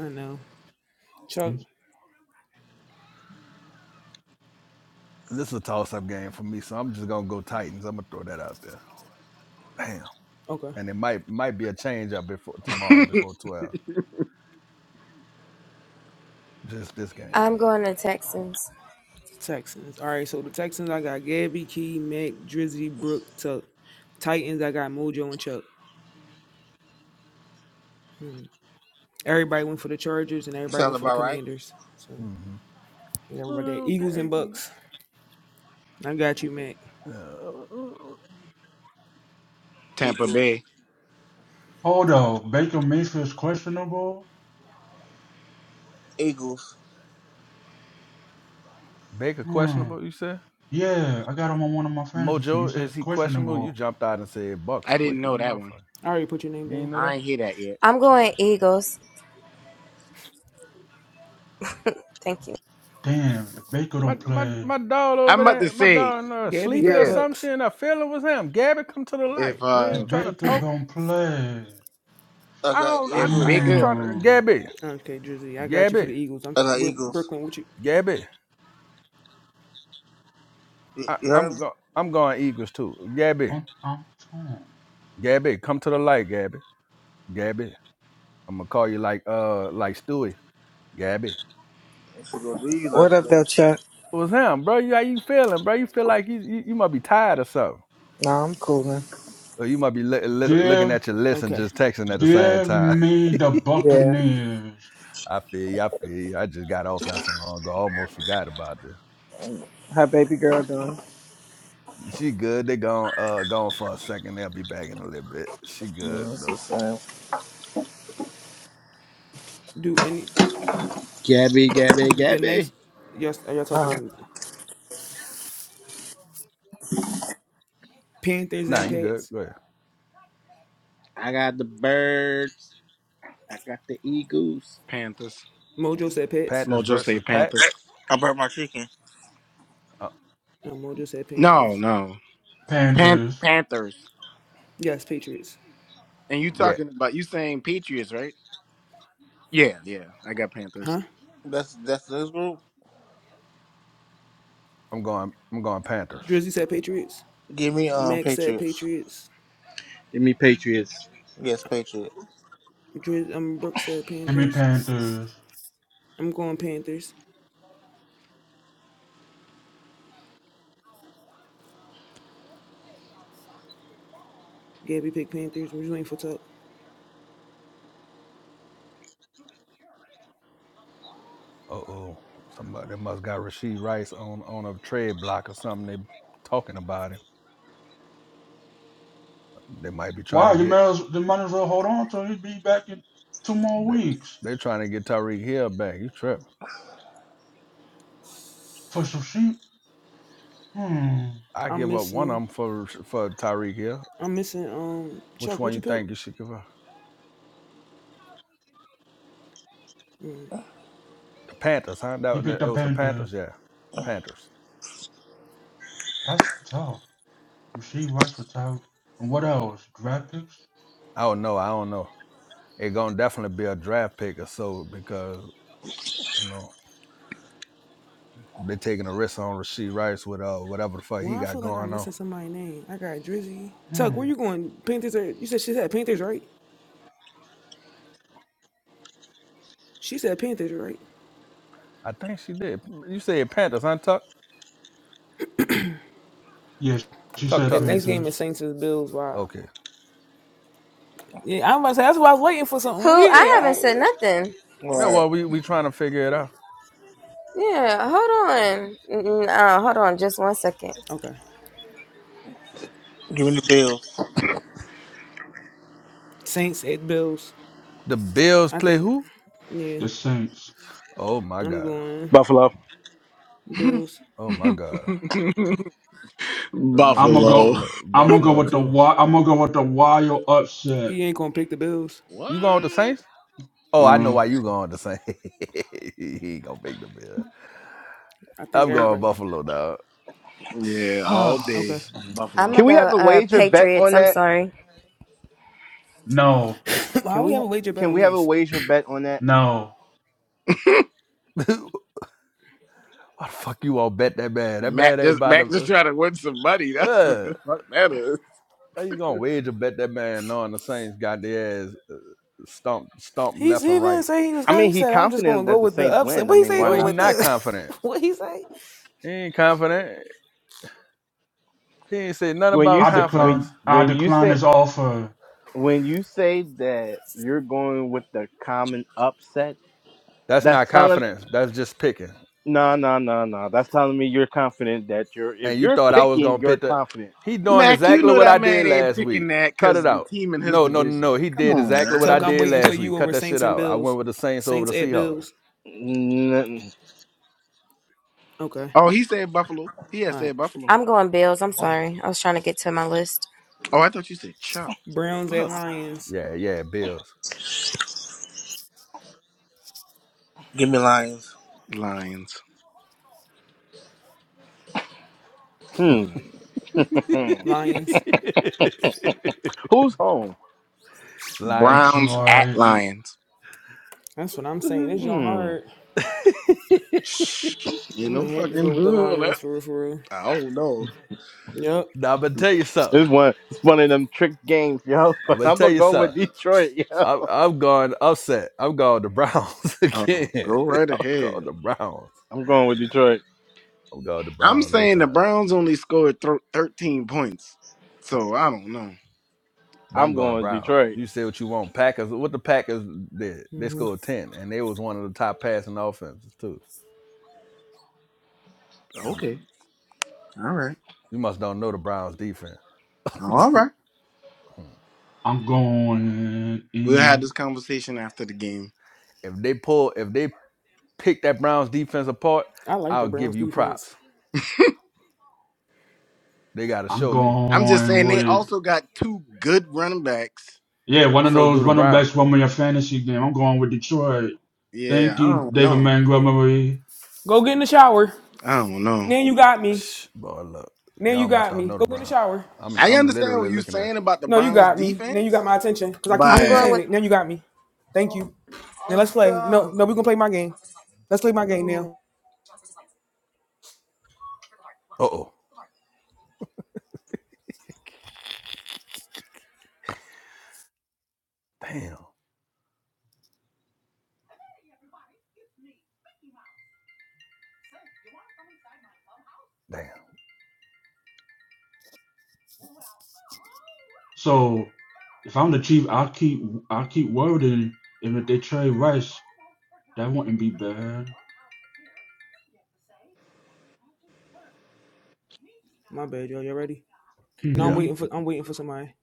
Speaker 2: I know. Chuck.
Speaker 5: This is a toss-up game for me, so I'm just gonna go Titans. I'm gonna throw that out there. Damn.
Speaker 2: Okay.
Speaker 5: And it might might be a change up before tomorrow, before twelve. Just this game.
Speaker 3: I'm going to Texans.
Speaker 2: Texans. All right. So the Texans, I got Gabby, Key, Mac, Drizzy, Brook, Tuck. Titans, I got Mojo and Chuck. Mm. Everybody went for the Chargers and everybody
Speaker 1: Sounds
Speaker 2: went for the
Speaker 1: about right.
Speaker 2: Commanders. So
Speaker 5: hmm
Speaker 2: and everybody there. Eagles
Speaker 5: Okay.
Speaker 2: and Bucks. I got you, Mac.
Speaker 5: Uh,
Speaker 8: Tampa
Speaker 1: Eagles.
Speaker 8: Bay.
Speaker 4: Hold up, Baker Mayfield's questionable.
Speaker 1: Eagles.
Speaker 5: Baker
Speaker 4: Hmm.
Speaker 5: questionable. You said
Speaker 4: Yeah, I got him on one of my fantasy teams. You
Speaker 5: Mojo
Speaker 4: say
Speaker 5: is
Speaker 4: it's
Speaker 5: he questionable? You
Speaker 4: questionable.
Speaker 5: jumped out and said Bucks
Speaker 8: I didn't
Speaker 5: quick as a
Speaker 8: know that one.
Speaker 5: motherfucker.
Speaker 2: I already put your name
Speaker 5: You ain't
Speaker 2: down.
Speaker 5: know that.
Speaker 8: I ain't hear that yet.
Speaker 3: I'm going Eagles. Thank you.
Speaker 4: Damn, if Baker
Speaker 5: My
Speaker 4: don't
Speaker 5: my
Speaker 4: play,
Speaker 5: my dog
Speaker 8: I'm
Speaker 5: over
Speaker 8: about to
Speaker 5: there, my
Speaker 8: say,
Speaker 5: dog in uh,
Speaker 2: Gabby
Speaker 5: sleepy or
Speaker 2: got
Speaker 8: yeah.
Speaker 5: some
Speaker 2: Bucks.
Speaker 5: shit, and I feel it was him. Gabby, come to the light.
Speaker 8: If
Speaker 5: You
Speaker 8: uh
Speaker 5: ain't
Speaker 4: if
Speaker 5: trying to
Speaker 4: Baker
Speaker 5: talk.
Speaker 4: don't play,
Speaker 1: I
Speaker 5: I
Speaker 1: got
Speaker 5: don't. I,
Speaker 8: if
Speaker 5: I
Speaker 1: Eagles.
Speaker 5: ain't
Speaker 8: bigger
Speaker 5: trying to.
Speaker 4: hmm,
Speaker 5: Gabby,
Speaker 2: Okay, Drizzy, I got you for the
Speaker 5: Gabby,
Speaker 2: Eagles. I'm
Speaker 1: I got Eagles.
Speaker 2: Brooklyn. What you?
Speaker 5: Gabby. I,
Speaker 1: You heard
Speaker 5: I'm
Speaker 1: me?
Speaker 5: go. I'm going Eagles too. Gabby,
Speaker 4: I'm, I'm torn.
Speaker 5: Gabby, come to the light. Gabby, Gabby. I'm gonna call you like uh like Stewie. Gabby.
Speaker 1: She gonna leave us
Speaker 7: What up,
Speaker 1: though.
Speaker 7: though, Chuck?
Speaker 5: It was him, bro. You, how you feeling, bro? You feel like you you, you might be tired or something.
Speaker 7: No, I'm coolin'.
Speaker 5: Or you might be li- li- looking
Speaker 4: Give,
Speaker 5: at your list and
Speaker 2: Okay.
Speaker 5: just texting at the same
Speaker 4: give
Speaker 5: time.
Speaker 4: me the
Speaker 7: Yeah.
Speaker 4: Buccaneers,
Speaker 5: I feel you. I feel you. I just got off not so long ago. I almost forgot about this.
Speaker 7: How baby girl doing?
Speaker 5: She good. They gone uh gone for a second. They'll be back in a little bit. She good
Speaker 7: No, that's
Speaker 5: though.
Speaker 7: what's
Speaker 2: Do any
Speaker 5: Mm.
Speaker 6: Gabby, Gabby,
Speaker 2: the
Speaker 6: Gabby.
Speaker 2: next? Y'all are y'all
Speaker 7: up.
Speaker 2: talking Panthers
Speaker 5: Nah,
Speaker 2: and
Speaker 5: you good.
Speaker 2: Pats?
Speaker 5: Go ahead.
Speaker 6: I got the birds. I got the Eagles.
Speaker 8: Panthers.
Speaker 2: Mojo said Pats.
Speaker 5: Panthers
Speaker 8: Mojo say
Speaker 5: versus
Speaker 8: Panthers.
Speaker 5: Pats.
Speaker 1: I burnt my chicken.
Speaker 5: Uh,
Speaker 2: No, Mojo said
Speaker 8: No,
Speaker 2: Panthers.
Speaker 8: no. Pan-
Speaker 4: Panthers,
Speaker 8: Panthers.
Speaker 2: Yes, Patriots.
Speaker 8: And you
Speaker 5: yeah,
Speaker 8: talking about you saying Patriots, right? Yeah, yeah. I got Panthers.
Speaker 2: Huh?
Speaker 1: That's that's this group.
Speaker 5: I'm going. I'm going Panthers.
Speaker 2: Drizzy said Patriots.
Speaker 1: Give me um
Speaker 2: Max said
Speaker 1: Patriots.
Speaker 2: Patriots.
Speaker 6: Give me Patriots.
Speaker 1: Yes, Patriots.
Speaker 2: Driz, um, Brooks said
Speaker 4: give me
Speaker 2: Panthers.
Speaker 4: Panthers.
Speaker 2: I'm going Panthers. Gabby picked Panthers. We're just waiting for Tuck.
Speaker 5: Uh oh, somebody must got Rasheed Rice on on a trade block or something. They talking about him. They might be trying
Speaker 4: Wow,
Speaker 5: to
Speaker 4: you
Speaker 5: get
Speaker 4: might as, you might as well hold on till he be back in two more
Speaker 5: They,
Speaker 4: weeks
Speaker 5: they're trying to get Tyreek Hill back. You trip.
Speaker 4: for some sheep. Hmm,
Speaker 5: I
Speaker 2: I'm
Speaker 5: give up one of
Speaker 2: missing.
Speaker 5: them for for Tyreek Hill.
Speaker 2: I'm missing. Um,
Speaker 5: Which
Speaker 2: Chuck,
Speaker 5: one
Speaker 2: what you
Speaker 5: you
Speaker 2: pick?
Speaker 5: think you should give up?
Speaker 2: Mm.
Speaker 5: The Panthers, huh?
Speaker 4: He
Speaker 5: That,
Speaker 4: picked
Speaker 5: that it
Speaker 4: the
Speaker 5: was the
Speaker 4: Panthers.
Speaker 5: Panthers, yeah.
Speaker 1: All
Speaker 5: Panthers.
Speaker 4: That's tough. Rasheed Rice was without, and what else? Draft picks?
Speaker 5: I don't know. I don't know. It gonna definitely be a draft pick or so because you know they taking a risk on Rasheed Rice with uh whatever the fuck he
Speaker 2: Why I
Speaker 5: got
Speaker 2: feel like I'm
Speaker 5: going on.
Speaker 2: missing somebody's name. I got Drizzy. Tuck,
Speaker 4: Hmm.
Speaker 2: where you going? Panthers. Are, you said she said Panthers, right? She said Panthers, right?
Speaker 5: I think she did. You said Panthers, huh? Tuck,
Speaker 4: Yes, she
Speaker 5: tuck,
Speaker 4: said
Speaker 2: The
Speaker 5: tuck.
Speaker 2: next game is
Speaker 4: Panthers.
Speaker 2: Saints and Bills. Wow.
Speaker 5: Okay.
Speaker 2: Yeah, I'm about to say that's why I was waiting for something.
Speaker 3: Who? I
Speaker 2: Yeah.
Speaker 3: haven't said
Speaker 2: I,
Speaker 3: nothing.
Speaker 5: Yeah.
Speaker 1: right.
Speaker 5: Well, we we trying to figure it out.
Speaker 3: Yeah, hold on. Mm, Uh, hold on, just one second.
Speaker 2: okay.
Speaker 1: Give me the Bills.
Speaker 2: Saints at Bills.
Speaker 5: The Bills
Speaker 2: I
Speaker 5: play
Speaker 2: think.
Speaker 5: who?
Speaker 2: Yeah,
Speaker 4: The Saints.
Speaker 5: Oh my
Speaker 2: I'm
Speaker 5: god.
Speaker 2: going
Speaker 6: Buffalo.
Speaker 2: Bills.
Speaker 5: Oh my god. I'm
Speaker 4: I'm
Speaker 5: going
Speaker 4: gonna
Speaker 8: Buffalo.
Speaker 4: go.
Speaker 5: Buffalo,
Speaker 4: I'm gonna go
Speaker 5: Buffalo
Speaker 4: with the
Speaker 5: too.
Speaker 4: wild. I'm gonna go with the wild upset.
Speaker 2: He ain't gonna pick the Bills.
Speaker 5: You going with the
Speaker 8: What?
Speaker 5: Saints? Oh, I know
Speaker 4: Uh,
Speaker 5: why you going with the Saints. he ain't gonna make the bill.
Speaker 2: I think
Speaker 5: I'm going
Speaker 2: everybody.
Speaker 5: Buffalo, dog.
Speaker 8: Yeah, all
Speaker 6: Oh,
Speaker 8: day.
Speaker 2: Okay.
Speaker 3: I'm
Speaker 8: Buffalo.
Speaker 6: can
Speaker 3: gonna
Speaker 6: we
Speaker 3: go
Speaker 6: have a
Speaker 3: uh,
Speaker 6: wager bet
Speaker 3: Patriots.
Speaker 6: on
Speaker 3: I'm
Speaker 6: that?
Speaker 3: sorry.
Speaker 4: no,
Speaker 2: Why
Speaker 6: Can
Speaker 2: we have
Speaker 6: we?
Speaker 2: a wager bet
Speaker 6: Can
Speaker 2: on
Speaker 6: we have a
Speaker 2: this?
Speaker 6: wager bet on that?
Speaker 4: no.
Speaker 5: why the fuck you all bet that man? That man
Speaker 8: Mac
Speaker 5: ain't
Speaker 8: just
Speaker 5: about
Speaker 8: Mac just
Speaker 5: to.
Speaker 8: trying to win some money.
Speaker 5: Uh,
Speaker 8: That's what
Speaker 5: uh,
Speaker 8: the fuck that is.
Speaker 5: how you gonna wager bet that man knowing the Saints got their ass uh, stumped, stumped
Speaker 2: He he
Speaker 5: left and
Speaker 2: didn't
Speaker 5: right?
Speaker 2: say he was
Speaker 6: I
Speaker 2: going.
Speaker 6: mean,
Speaker 2: He
Speaker 6: he
Speaker 2: said I'm just gonna
Speaker 6: confident
Speaker 2: go
Speaker 6: that the
Speaker 2: with the
Speaker 6: Saints
Speaker 2: upset.
Speaker 6: win. I
Speaker 2: What he
Speaker 6: mean,
Speaker 2: say?
Speaker 6: why
Speaker 5: No,
Speaker 2: Go
Speaker 5: he
Speaker 6: not
Speaker 2: with
Speaker 6: put
Speaker 5: not
Speaker 2: the.
Speaker 5: confident.
Speaker 2: what he say?
Speaker 5: He ain't confident. He ain't said nothing
Speaker 6: when you
Speaker 5: about
Speaker 4: I
Speaker 6: say
Speaker 4: decline.
Speaker 6: when
Speaker 5: confidence.
Speaker 4: I
Speaker 6: when you
Speaker 4: decline
Speaker 6: say
Speaker 4: this offer.
Speaker 6: when you say that you're going with the common upset,
Speaker 5: That's
Speaker 6: that's
Speaker 5: not
Speaker 6: telling
Speaker 5: confidence. That's just picking.
Speaker 6: no, no, no, no. That's telling me you're confident that you're if
Speaker 5: and you
Speaker 6: you're
Speaker 5: thought I was
Speaker 6: picking,
Speaker 5: gonna
Speaker 6: you're
Speaker 5: pick the
Speaker 6: confident.
Speaker 5: he doing
Speaker 8: Mac, you
Speaker 5: exactly
Speaker 8: know
Speaker 5: what
Speaker 8: that
Speaker 5: I
Speaker 8: man
Speaker 5: did
Speaker 8: ain't
Speaker 5: last
Speaker 8: picking
Speaker 5: week.
Speaker 8: that
Speaker 5: Cut
Speaker 8: because
Speaker 5: it
Speaker 8: the
Speaker 5: out.
Speaker 8: team in his
Speaker 5: No, no, no,
Speaker 8: division.
Speaker 5: no. He
Speaker 8: Come
Speaker 5: did
Speaker 8: on,
Speaker 5: exactly what I
Speaker 2: Tuck,
Speaker 8: man.
Speaker 2: I'm
Speaker 5: did
Speaker 2: waiting for
Speaker 5: last week.
Speaker 2: you
Speaker 5: Cut
Speaker 2: over
Speaker 5: that
Speaker 2: Saints
Speaker 5: shit
Speaker 2: and
Speaker 5: out. I
Speaker 2: Bills.
Speaker 5: went with the Saints over
Speaker 2: Saints
Speaker 5: the
Speaker 2: at
Speaker 5: Seahawks.
Speaker 2: Bills.
Speaker 6: Mm,
Speaker 2: Okay.
Speaker 8: Oh, he said Buffalo. He had
Speaker 2: All right.
Speaker 8: said Buffalo.
Speaker 3: I'm going Bills. I'm
Speaker 2: Okay.
Speaker 3: sorry. I was trying to get to my list.
Speaker 8: Oh, I thought you said Chuck.
Speaker 2: Browns at
Speaker 8: Fuck
Speaker 2: Lions.
Speaker 5: Yeah, yeah, Bills.
Speaker 1: Give me Lions.
Speaker 8: Lions.
Speaker 6: Hmm. hmm.
Speaker 2: Lions.
Speaker 6: Who's home?
Speaker 5: Lying.
Speaker 8: Browns at
Speaker 4: Detroit.
Speaker 8: Lions.
Speaker 2: That's what I'm saying. It's your
Speaker 6: Hmm.
Speaker 2: heart.
Speaker 8: You
Speaker 2: I'm
Speaker 8: know,
Speaker 2: gonna have to go
Speaker 8: fucking
Speaker 2: with the
Speaker 8: who
Speaker 2: Lions
Speaker 8: that?
Speaker 2: for real. For real.
Speaker 8: I don't know.
Speaker 2: Yep.
Speaker 5: Now I'm gonna tell you something.
Speaker 6: This one, it's one of them trick games, yo.
Speaker 5: I'm
Speaker 6: But
Speaker 5: gonna
Speaker 6: I'm
Speaker 5: tell
Speaker 6: gonna
Speaker 5: you
Speaker 6: go with
Speaker 5: something.
Speaker 6: Detroit. Yo.
Speaker 5: I'm, I'm going upset. I'm going the Browns
Speaker 8: Oh,
Speaker 5: again.
Speaker 8: go right
Speaker 5: I'm
Speaker 8: ahead.
Speaker 5: going the Browns.
Speaker 6: I'm going with Detroit.
Speaker 5: I'm going the
Speaker 8: I'm
Speaker 5: Browns this
Speaker 8: saying the
Speaker 5: time.
Speaker 8: Browns only scored thir- 13 points, so I don't know.
Speaker 5: But I'm
Speaker 6: I'm going
Speaker 5: going
Speaker 6: with
Speaker 5: Browns.
Speaker 6: Detroit.
Speaker 5: You say what you want. Packers, what the Packers did? They
Speaker 2: hmm
Speaker 5: scored ten, and they was one of the top passing offenses too.
Speaker 8: Okay. All right.
Speaker 5: You must don't know the Browns defense. if
Speaker 8: All right.
Speaker 4: I'm going
Speaker 8: We'll have
Speaker 4: any.
Speaker 8: this conversation after the game.
Speaker 5: they pull, if they pick that Browns defense apart,
Speaker 2: I like the
Speaker 5: I'll give
Speaker 2: Browns
Speaker 5: you
Speaker 2: defense.
Speaker 5: props. They got to
Speaker 4: I'm
Speaker 5: show me.
Speaker 8: I'm just
Speaker 4: going
Speaker 8: saying they
Speaker 4: with
Speaker 8: also got two good running backs.
Speaker 4: yeah. One of
Speaker 5: So
Speaker 4: those
Speaker 5: do the
Speaker 4: running
Speaker 5: Browns.
Speaker 4: backs from your fantasy game. I'm going with Detroit.
Speaker 8: Yeah,
Speaker 4: Thank
Speaker 8: I
Speaker 4: you,
Speaker 8: don't
Speaker 4: David
Speaker 8: know.
Speaker 4: Montgomery.
Speaker 2: Go get in the shower.
Speaker 8: I don't know.
Speaker 2: Now you got me.
Speaker 5: Shh, boy, look,
Speaker 2: Now you
Speaker 5: y'all must
Speaker 2: got
Speaker 5: do not
Speaker 2: me.
Speaker 5: know
Speaker 2: Go
Speaker 5: the
Speaker 2: get in the
Speaker 5: Browns.
Speaker 2: shower.
Speaker 5: I'm
Speaker 8: I
Speaker 5: I'm
Speaker 8: understand
Speaker 5: literally
Speaker 8: what you're
Speaker 5: looking at.
Speaker 8: saying about the
Speaker 2: No, you
Speaker 8: Browns
Speaker 2: got me. Now you
Speaker 8: defense,
Speaker 2: got my attention because I keep
Speaker 3: I'm
Speaker 2: hearing you
Speaker 8: but
Speaker 3: going
Speaker 2: saying
Speaker 3: with.
Speaker 2: it. Now you got me. Thank you. Now let's play. No, no, we gonna play my game. Let's play my game now.
Speaker 5: Uh oh, damn, damn.
Speaker 4: So if I'm the chief, I keep I keep wording if they trade Rice. That wouldn't be bad.
Speaker 2: My bad, yo. You ready? No, I'm
Speaker 5: Yeah,
Speaker 4: hmm
Speaker 2: waiting for. I'm waiting for somebody.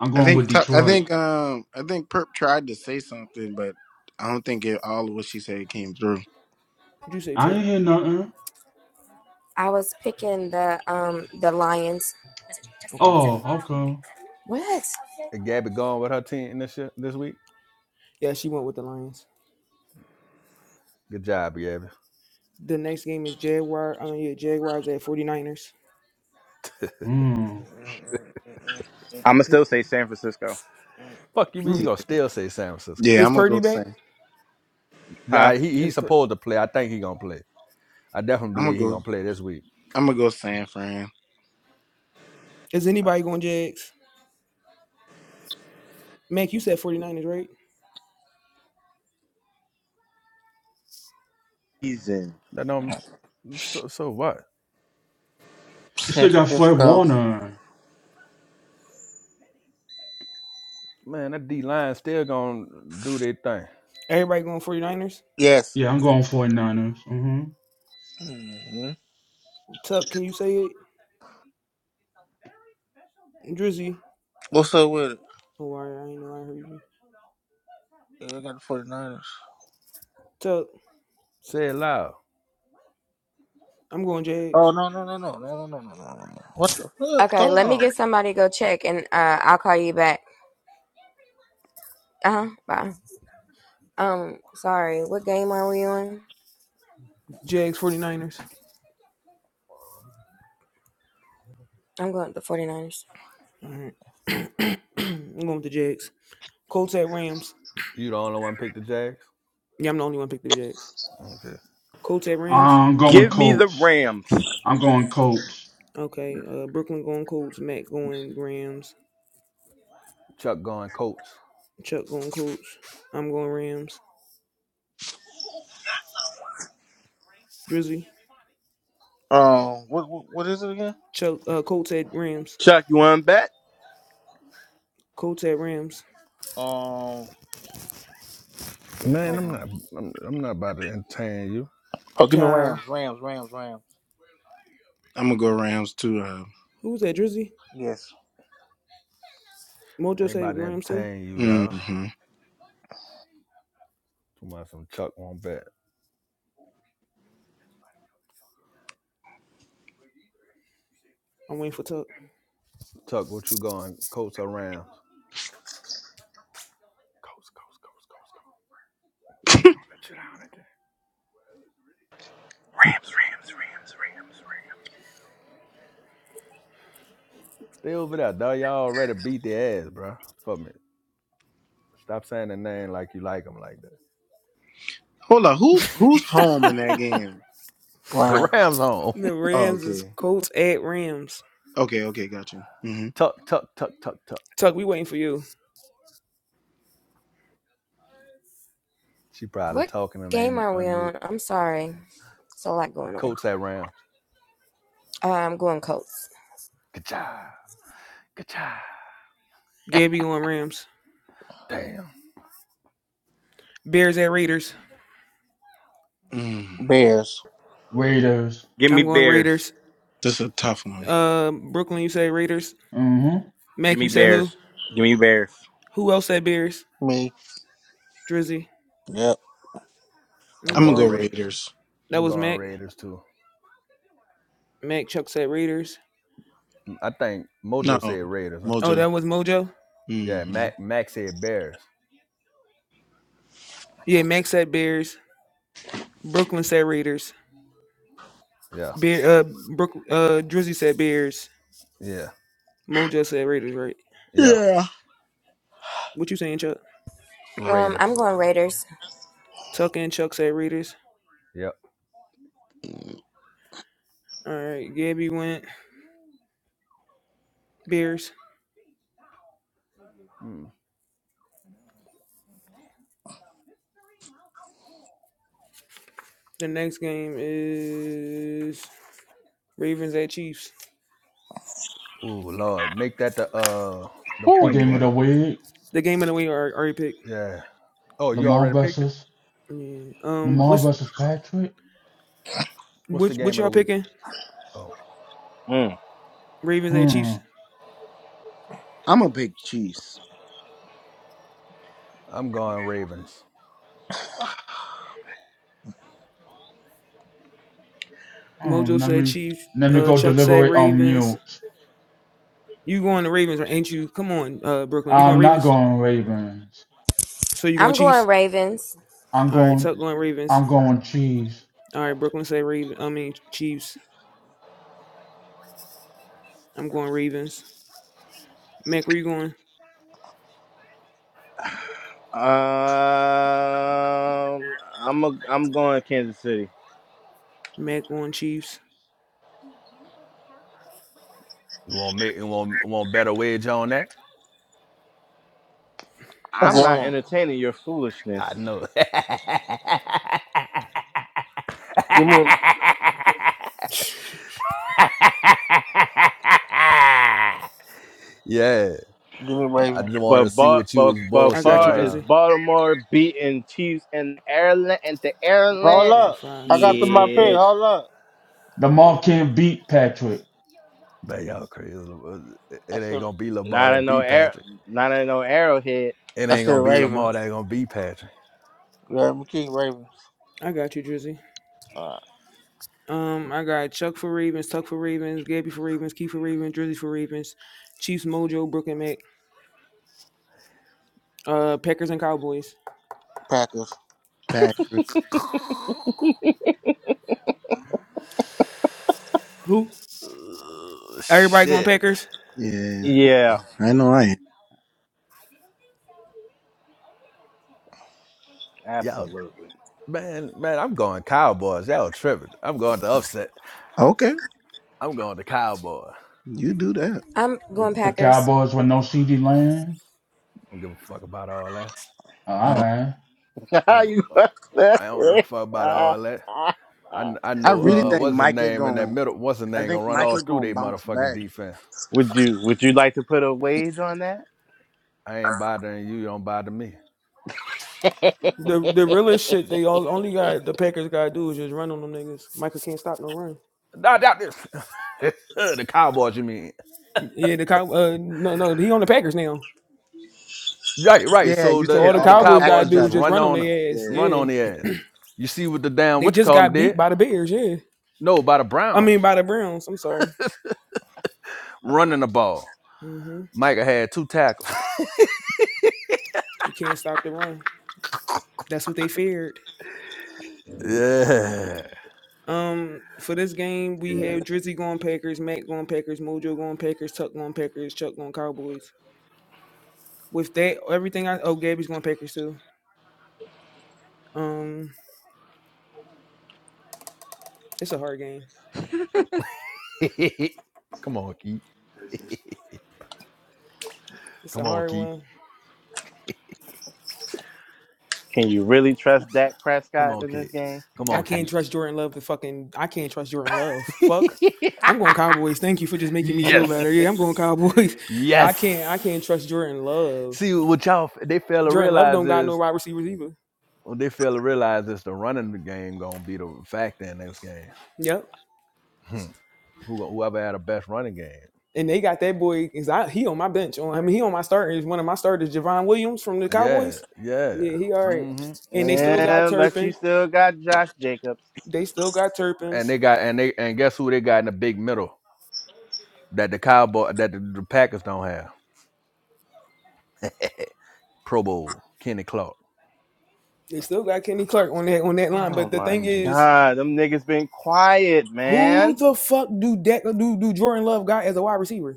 Speaker 4: I'm
Speaker 8: I
Speaker 4: going with
Speaker 8: think I
Speaker 4: Detroit.
Speaker 8: think um I think Perp tried to say something, but I don't think it, all of what she said came through.
Speaker 2: Would you say
Speaker 4: I
Speaker 2: Tuck?
Speaker 4: ain't hear nothing.
Speaker 3: I was picking the um the Lions.
Speaker 2: Okay.
Speaker 4: Oh, okay.
Speaker 3: What?
Speaker 5: Is Gabby gone with her team this year, this week.
Speaker 2: Yeah, she went with the Lions.
Speaker 5: Good job, Gabby.
Speaker 2: The next game is Jaguar. Uh, yeah, Jaguars at 49ers.
Speaker 4: Hmm.
Speaker 6: I'm gonna still say San Francisco,
Speaker 5: Fuck you
Speaker 8: Yeah,
Speaker 5: mean you gonna still say San Francisco?
Speaker 8: yeah
Speaker 2: Is
Speaker 8: I'm gonna
Speaker 2: Purdy
Speaker 8: go
Speaker 2: back?
Speaker 8: San.
Speaker 6: huh?
Speaker 5: Yeah, he
Speaker 2: Is
Speaker 5: he's
Speaker 2: Pur-
Speaker 5: supposed to play. I think he gonna play. I definitely
Speaker 8: I'm gonna
Speaker 5: believe he
Speaker 8: go.
Speaker 5: gonna play this week.
Speaker 8: I'm gonna go San Fran.
Speaker 2: Is anybody going Jags? Mac, you said 49ers, right?
Speaker 6: Season.
Speaker 5: That do so, so what?
Speaker 4: They
Speaker 1: San
Speaker 4: still got Fred
Speaker 1: Francisco.
Speaker 4: Warner.
Speaker 5: Man, that D line still gonna do their thing.
Speaker 2: Everybody going 49ers?
Speaker 1: Yes.
Speaker 4: Yeah, I'm going 49ers. Mm-hmm.
Speaker 1: hmm
Speaker 2: Tuck, can you say it? Drizzy.
Speaker 1: What's up with it?
Speaker 2: Oh, I, I ain't know I heard you.
Speaker 1: Yeah, I got the 49ers.
Speaker 2: Tuck,
Speaker 5: Say it loud.
Speaker 2: I'm going
Speaker 1: Oh
Speaker 2: Jags.
Speaker 1: no no no no no no no no no no. no. What the fuck?
Speaker 3: Okay,
Speaker 1: Hold
Speaker 3: let me
Speaker 1: on.
Speaker 3: get somebody to go check, and uh, I'll call you back. Uh huh. Bye. Um, sorry. What game are we on?
Speaker 2: Jags 49ers.
Speaker 3: I'm going with the Forty Niners.
Speaker 2: All right. I'm going with the Jags. Colts at Rams.
Speaker 5: You the only one picked the Jags?
Speaker 2: Yeah, I'm the only one picked the Jags.
Speaker 5: Okay.
Speaker 2: Colts at Rams.
Speaker 4: I'm going
Speaker 6: Give me the
Speaker 4: Colts.
Speaker 6: Rams.
Speaker 4: I'm going Colts.
Speaker 2: Okay. Uh, Brooklyn going Colts. Matt going Rams.
Speaker 5: Chuck going coach.
Speaker 2: Chuck going Colts. I'm going Rams. Drizzy.
Speaker 1: Um, what what, what is it again?
Speaker 2: Chuck. Uh, Colts at Rams.
Speaker 6: Chuck, you want to bet?
Speaker 2: Colts at Rams.
Speaker 1: Um,
Speaker 5: Man,
Speaker 1: hold
Speaker 5: I'm
Speaker 1: on.
Speaker 5: not I'm, I'm not about to entertain you.
Speaker 1: Oh, give me
Speaker 2: Child.
Speaker 1: Rams, Rams, Rams, Rams.
Speaker 8: I'm gonna go Rams too. Uh,
Speaker 2: Who was that? Drizzy.
Speaker 1: Yes,
Speaker 5: I
Speaker 2: Mojo
Speaker 5: Ain't
Speaker 2: said
Speaker 5: about to
Speaker 2: Rams too.
Speaker 5: entertain you dog.
Speaker 8: hmm
Speaker 5: Too much some Chuck won't bet.
Speaker 2: I'm waiting for Tuck.
Speaker 5: Chuck, what you going? Colts or Rams? Colts, Colts, Colts, Colts, Colts. They ain't gonna let you down again. They over there, dog. Y'all already beat their ass, bro. Fuck me. Stop saying the name like you like them like that.
Speaker 8: Hold on. Who who's home in that game?
Speaker 5: The
Speaker 1: Rams,
Speaker 5: Rams home.
Speaker 2: The
Speaker 8: Oh,
Speaker 2: Rams is
Speaker 8: okay.
Speaker 2: Colts at Rams.
Speaker 8: Okay. Okay. Got you.
Speaker 5: tuck, tuck, tuck, tuck, tuck.
Speaker 2: Tuck, we waiting for you.
Speaker 5: She probably
Speaker 3: What
Speaker 5: talking and
Speaker 3: game
Speaker 5: ain't
Speaker 3: are we
Speaker 5: unmute.
Speaker 3: on? I'm sorry. It's a lot going on.
Speaker 5: Coach that Rams.
Speaker 3: Uh, I'm going Colts.
Speaker 5: Good job. Good job.
Speaker 2: Gabby going Rams.
Speaker 5: Damn.
Speaker 2: Bears at Raiders.
Speaker 8: Mm,
Speaker 1: Bears,
Speaker 4: Raiders.
Speaker 6: Give me
Speaker 2: I'm going
Speaker 6: Bears.
Speaker 2: Raiders.
Speaker 8: this is a tough one.
Speaker 2: Uh, Brooklyn, you say Raiders.
Speaker 4: mm hmm
Speaker 6: Give
Speaker 2: Mac,
Speaker 6: me
Speaker 2: you said
Speaker 5: Yeah,
Speaker 2: who?
Speaker 6: Bears. Give me Bears.
Speaker 2: Who else said Bears?
Speaker 1: me.
Speaker 2: Drizzy.
Speaker 1: Yep.
Speaker 2: I'm
Speaker 5: I'm
Speaker 8: I'm
Speaker 2: gonna
Speaker 8: gonna
Speaker 5: going
Speaker 8: go
Speaker 2: read it.
Speaker 5: Ra-
Speaker 8: Raiders.
Speaker 2: That
Speaker 5: I'm
Speaker 2: was
Speaker 5: going
Speaker 2: Mac.
Speaker 5: Raiders too.
Speaker 2: Mac Chuck said Raiders.
Speaker 5: I think
Speaker 8: No,
Speaker 5: Mojo said Raiders, huh?
Speaker 2: Oh,
Speaker 8: Mojo.
Speaker 2: that was Mojo.
Speaker 8: hmm
Speaker 5: Yeah, Mac Mac said Bears.
Speaker 2: Yeah, Mac said Bears. Brooklyn said Raiders.
Speaker 5: Yeah,
Speaker 2: Bear. Uh, Brook. Uh, Drizzy said Bears.
Speaker 5: yeah,
Speaker 2: Mojo said Raiders, Right.
Speaker 5: yeah.
Speaker 8: Yeah.
Speaker 2: What you saying, Chuck?
Speaker 3: Um, I'm
Speaker 5: Raiders.
Speaker 3: going Raiders.
Speaker 2: Tuck and Chuck said Raiders.
Speaker 5: Yep.
Speaker 2: All right. Gabby went Bears.
Speaker 5: Mm.
Speaker 2: The next game is Ravens at Chiefs.
Speaker 5: Ooh, Lord, make that the uh the
Speaker 4: The
Speaker 5: point
Speaker 4: game of the
Speaker 5: game.
Speaker 4: week.
Speaker 2: The game of the week are already picked.
Speaker 5: Yeah. Oh, you
Speaker 4: Lamar
Speaker 5: already picked it.
Speaker 4: versus
Speaker 2: Yeah. Um.
Speaker 5: What's
Speaker 4: Lamar
Speaker 2: What's
Speaker 4: versus Patrick.
Speaker 5: What's the
Speaker 2: which? What
Speaker 5: game of
Speaker 2: y'all
Speaker 5: the week?
Speaker 2: picking?
Speaker 5: Oh,
Speaker 6: Mm.
Speaker 2: Ravens at Chiefs.
Speaker 4: Hmm.
Speaker 8: I'm a big Chiefs.
Speaker 5: I'm going Ravens.
Speaker 2: Mojo
Speaker 4: hmm. Let
Speaker 2: said
Speaker 4: me
Speaker 2: Chiefs.
Speaker 4: let me
Speaker 2: Uh,
Speaker 4: go
Speaker 2: Chuck said
Speaker 4: deliberate on
Speaker 2: Ravens.
Speaker 4: mute.
Speaker 2: You going to Ravens, ain't you? Come on, uh, Brooklyn. You going
Speaker 4: I'm not
Speaker 2: Ravens?
Speaker 4: going Ravens.
Speaker 2: So you going
Speaker 3: I'm going
Speaker 2: Chiefs?
Speaker 3: Ravens.
Speaker 4: I'm
Speaker 2: All right,
Speaker 4: going
Speaker 2: Chuck going Ravens.
Speaker 4: I'm going Chiefs.
Speaker 2: All right, Brooklyn said Ravens. I mean Chiefs. I'm going Ravens. Mac, where you going?
Speaker 6: Um, I'm a, I'm going Kansas City.
Speaker 2: Mac going Chiefs.
Speaker 5: You want make you want want better wage on that?
Speaker 1: That's
Speaker 6: I'm
Speaker 1: what
Speaker 6: not entertaining your foolishness.
Speaker 5: I know.
Speaker 1: Give me,
Speaker 5: yeah,
Speaker 1: give me
Speaker 5: I just
Speaker 1: Ravens.
Speaker 5: wanted to
Speaker 6: But
Speaker 5: see
Speaker 6: but
Speaker 5: what you
Speaker 6: but
Speaker 5: was
Speaker 6: but
Speaker 2: I
Speaker 5: bullshitting
Speaker 2: got you,
Speaker 6: far as
Speaker 5: around.
Speaker 2: Drizzy.
Speaker 6: Baltimore beating Chiefs in Ireland and the
Speaker 2: Two, three,
Speaker 1: Hold
Speaker 6: Ireland,
Speaker 2: four,
Speaker 1: up.
Speaker 2: five,
Speaker 1: I got to
Speaker 2: six,
Speaker 1: my
Speaker 2: seven,
Speaker 1: pick.
Speaker 6: shit.
Speaker 2: eight.
Speaker 1: Hold up.
Speaker 4: Lamar
Speaker 2: Eight.
Speaker 4: can't beat Patrick.
Speaker 5: Man, y'all crazy. It
Speaker 1: I
Speaker 5: ain't
Speaker 1: said,
Speaker 5: gonna be Lamar
Speaker 6: Not in
Speaker 5: that
Speaker 6: no
Speaker 5: beat
Speaker 6: air,
Speaker 5: Patrick.
Speaker 6: not in no arrowhead.
Speaker 5: It
Speaker 1: I
Speaker 5: ain't
Speaker 1: said
Speaker 5: gonna be Lamar
Speaker 1: Ravens.
Speaker 5: that gonna beat Patrick.
Speaker 1: Yeah, I'm King Ravens.
Speaker 2: I got you, Drizzy.
Speaker 1: Uh,
Speaker 2: Um, I got Chuck for Ravens, Tuck for Ravens, Gabby for Ravens, Keith for Ravens, Drizzy for Ravens, Chiefs, Mojo, Brooklyn, Mac, uh, Packers and Cowboys.
Speaker 1: Packers.
Speaker 8: Packers.
Speaker 2: Who? Everybody going
Speaker 5: Shit.
Speaker 2: Packers?
Speaker 8: Yeah.
Speaker 6: Yeah,
Speaker 8: I know I am.
Speaker 5: Y'all,
Speaker 6: absolutely.
Speaker 5: man, man, I'm going Cowboys. Y'all tripping. I'm going to upset.
Speaker 8: Okay.
Speaker 5: I'm going to Cowboys. I
Speaker 8: You do that.
Speaker 3: I'm
Speaker 4: The,
Speaker 3: going
Speaker 4: the
Speaker 3: Packers.
Speaker 4: Cowboys with no CD Lamb.
Speaker 5: don't give a fuck about all that.
Speaker 4: Oh, All
Speaker 8: Oh.
Speaker 4: right.
Speaker 6: How
Speaker 5: I'm, go-
Speaker 6: you
Speaker 5: uh, I don't give a fuck about all that. I, kn- I
Speaker 8: I
Speaker 5: know
Speaker 6: would
Speaker 8: really
Speaker 6: you
Speaker 5: uh
Speaker 8: think
Speaker 5: what's his
Speaker 8: Micah
Speaker 5: name in that
Speaker 8: going
Speaker 5: middle. What's his
Speaker 8: I
Speaker 5: name
Speaker 8: think
Speaker 5: gonna run all
Speaker 8: Michael
Speaker 5: through
Speaker 8: gonna
Speaker 5: they
Speaker 8: bounce
Speaker 5: motherfucking
Speaker 8: back.
Speaker 5: defense.
Speaker 6: would you would you like to put a wage on that?
Speaker 5: I ain't bothering you. You don't bother me.
Speaker 2: The the realest shit they all, only got the Packers gotta do is just run on them niggas. Michael can't stop no run.
Speaker 5: Nah, doubt this. the Cowboys, you mean?
Speaker 2: Yeah, the cow uh no no he on the Packers now.
Speaker 5: Right, right.
Speaker 8: Yeah,
Speaker 5: So
Speaker 8: you
Speaker 2: So
Speaker 8: said
Speaker 5: the,
Speaker 2: all the
Speaker 5: the
Speaker 8: all
Speaker 5: the
Speaker 8: the
Speaker 2: Cowboys gotta
Speaker 8: Packers
Speaker 5: Cowboys
Speaker 2: do
Speaker 5: just
Speaker 8: got
Speaker 2: is
Speaker 8: to
Speaker 2: just
Speaker 5: run
Speaker 2: run on
Speaker 5: on them,
Speaker 2: their ass.
Speaker 8: Yeah.
Speaker 5: run
Speaker 2: Yeah,
Speaker 5: on the ass. You see what the damn
Speaker 2: they
Speaker 5: what you
Speaker 2: just
Speaker 5: call them
Speaker 2: got beat
Speaker 5: did?
Speaker 2: by the Bears. Yeah,
Speaker 5: No, by the
Speaker 2: I
Speaker 5: Browns
Speaker 2: mean by the Browns. I'm sorry.
Speaker 5: running the ball.
Speaker 2: hmm
Speaker 5: Micah had two tackles.
Speaker 2: He can't stop the run. That's what they feared.
Speaker 5: yeah.
Speaker 2: Um, for this game we have Drizzy going Packers, Matt going Packers, Mojo going Packers, Tuck going Packers, Chuck going Cowboys. With that, everything I oh Gabby's going Packers too. Um, it's a hard game.
Speaker 5: Come on, Keith.
Speaker 2: It's a
Speaker 5: Come on,
Speaker 2: hard
Speaker 5: Keith.
Speaker 2: one.
Speaker 6: Can you really trust Dak
Speaker 5: Come
Speaker 6: Prescott
Speaker 5: on,
Speaker 6: in this
Speaker 5: Keith.
Speaker 6: game?
Speaker 5: Come
Speaker 2: I
Speaker 5: on,
Speaker 2: can't
Speaker 5: Keith.
Speaker 2: trust Jordan Love to fucking. I can't trust Jordan Love. Fuck. I'm going Cowboys. Thank you for just making me feel better. Yeah, I'm going
Speaker 5: yes.
Speaker 2: Cowboys. I can't. I
Speaker 5: Yes.
Speaker 2: can't trust Jordan Love.
Speaker 5: See what y'all they fail to
Speaker 2: Jordan Love
Speaker 5: realize
Speaker 2: don't got no
Speaker 5: is
Speaker 2: wide receivers either.
Speaker 5: what they fail to realize is the running game gonna be the factor in this game.
Speaker 2: Yep.
Speaker 5: Hmm. Who whoever had the best running game.
Speaker 2: And they got that boy. Is I he on my bench? On I mean he on my starters. One of my starters, Javon Williams from the
Speaker 5: Yeah,
Speaker 2: Cowboys.
Speaker 5: yeah.
Speaker 2: Yeah, he all right.
Speaker 5: Mm-hmm.
Speaker 2: And they still
Speaker 5: Mm-hmm.
Speaker 2: got
Speaker 6: Yeah, but you
Speaker 2: Turpin.
Speaker 6: still got Josh Jacobs.
Speaker 2: They still got
Speaker 5: And
Speaker 2: Turpins.
Speaker 5: they got and they and guess who they got in the big middle that the cowboy that the, the Packers don't have. Pro Bowl, Kenny Clark.
Speaker 2: They still got Kenny Clark on that on that line.
Speaker 6: Oh
Speaker 2: But the
Speaker 6: my
Speaker 2: thing
Speaker 5: hmm
Speaker 2: is,
Speaker 6: God, them niggas been quiet,
Speaker 2: who
Speaker 6: man.
Speaker 2: the fuck do that do do Jordan Love got as a wide receiver?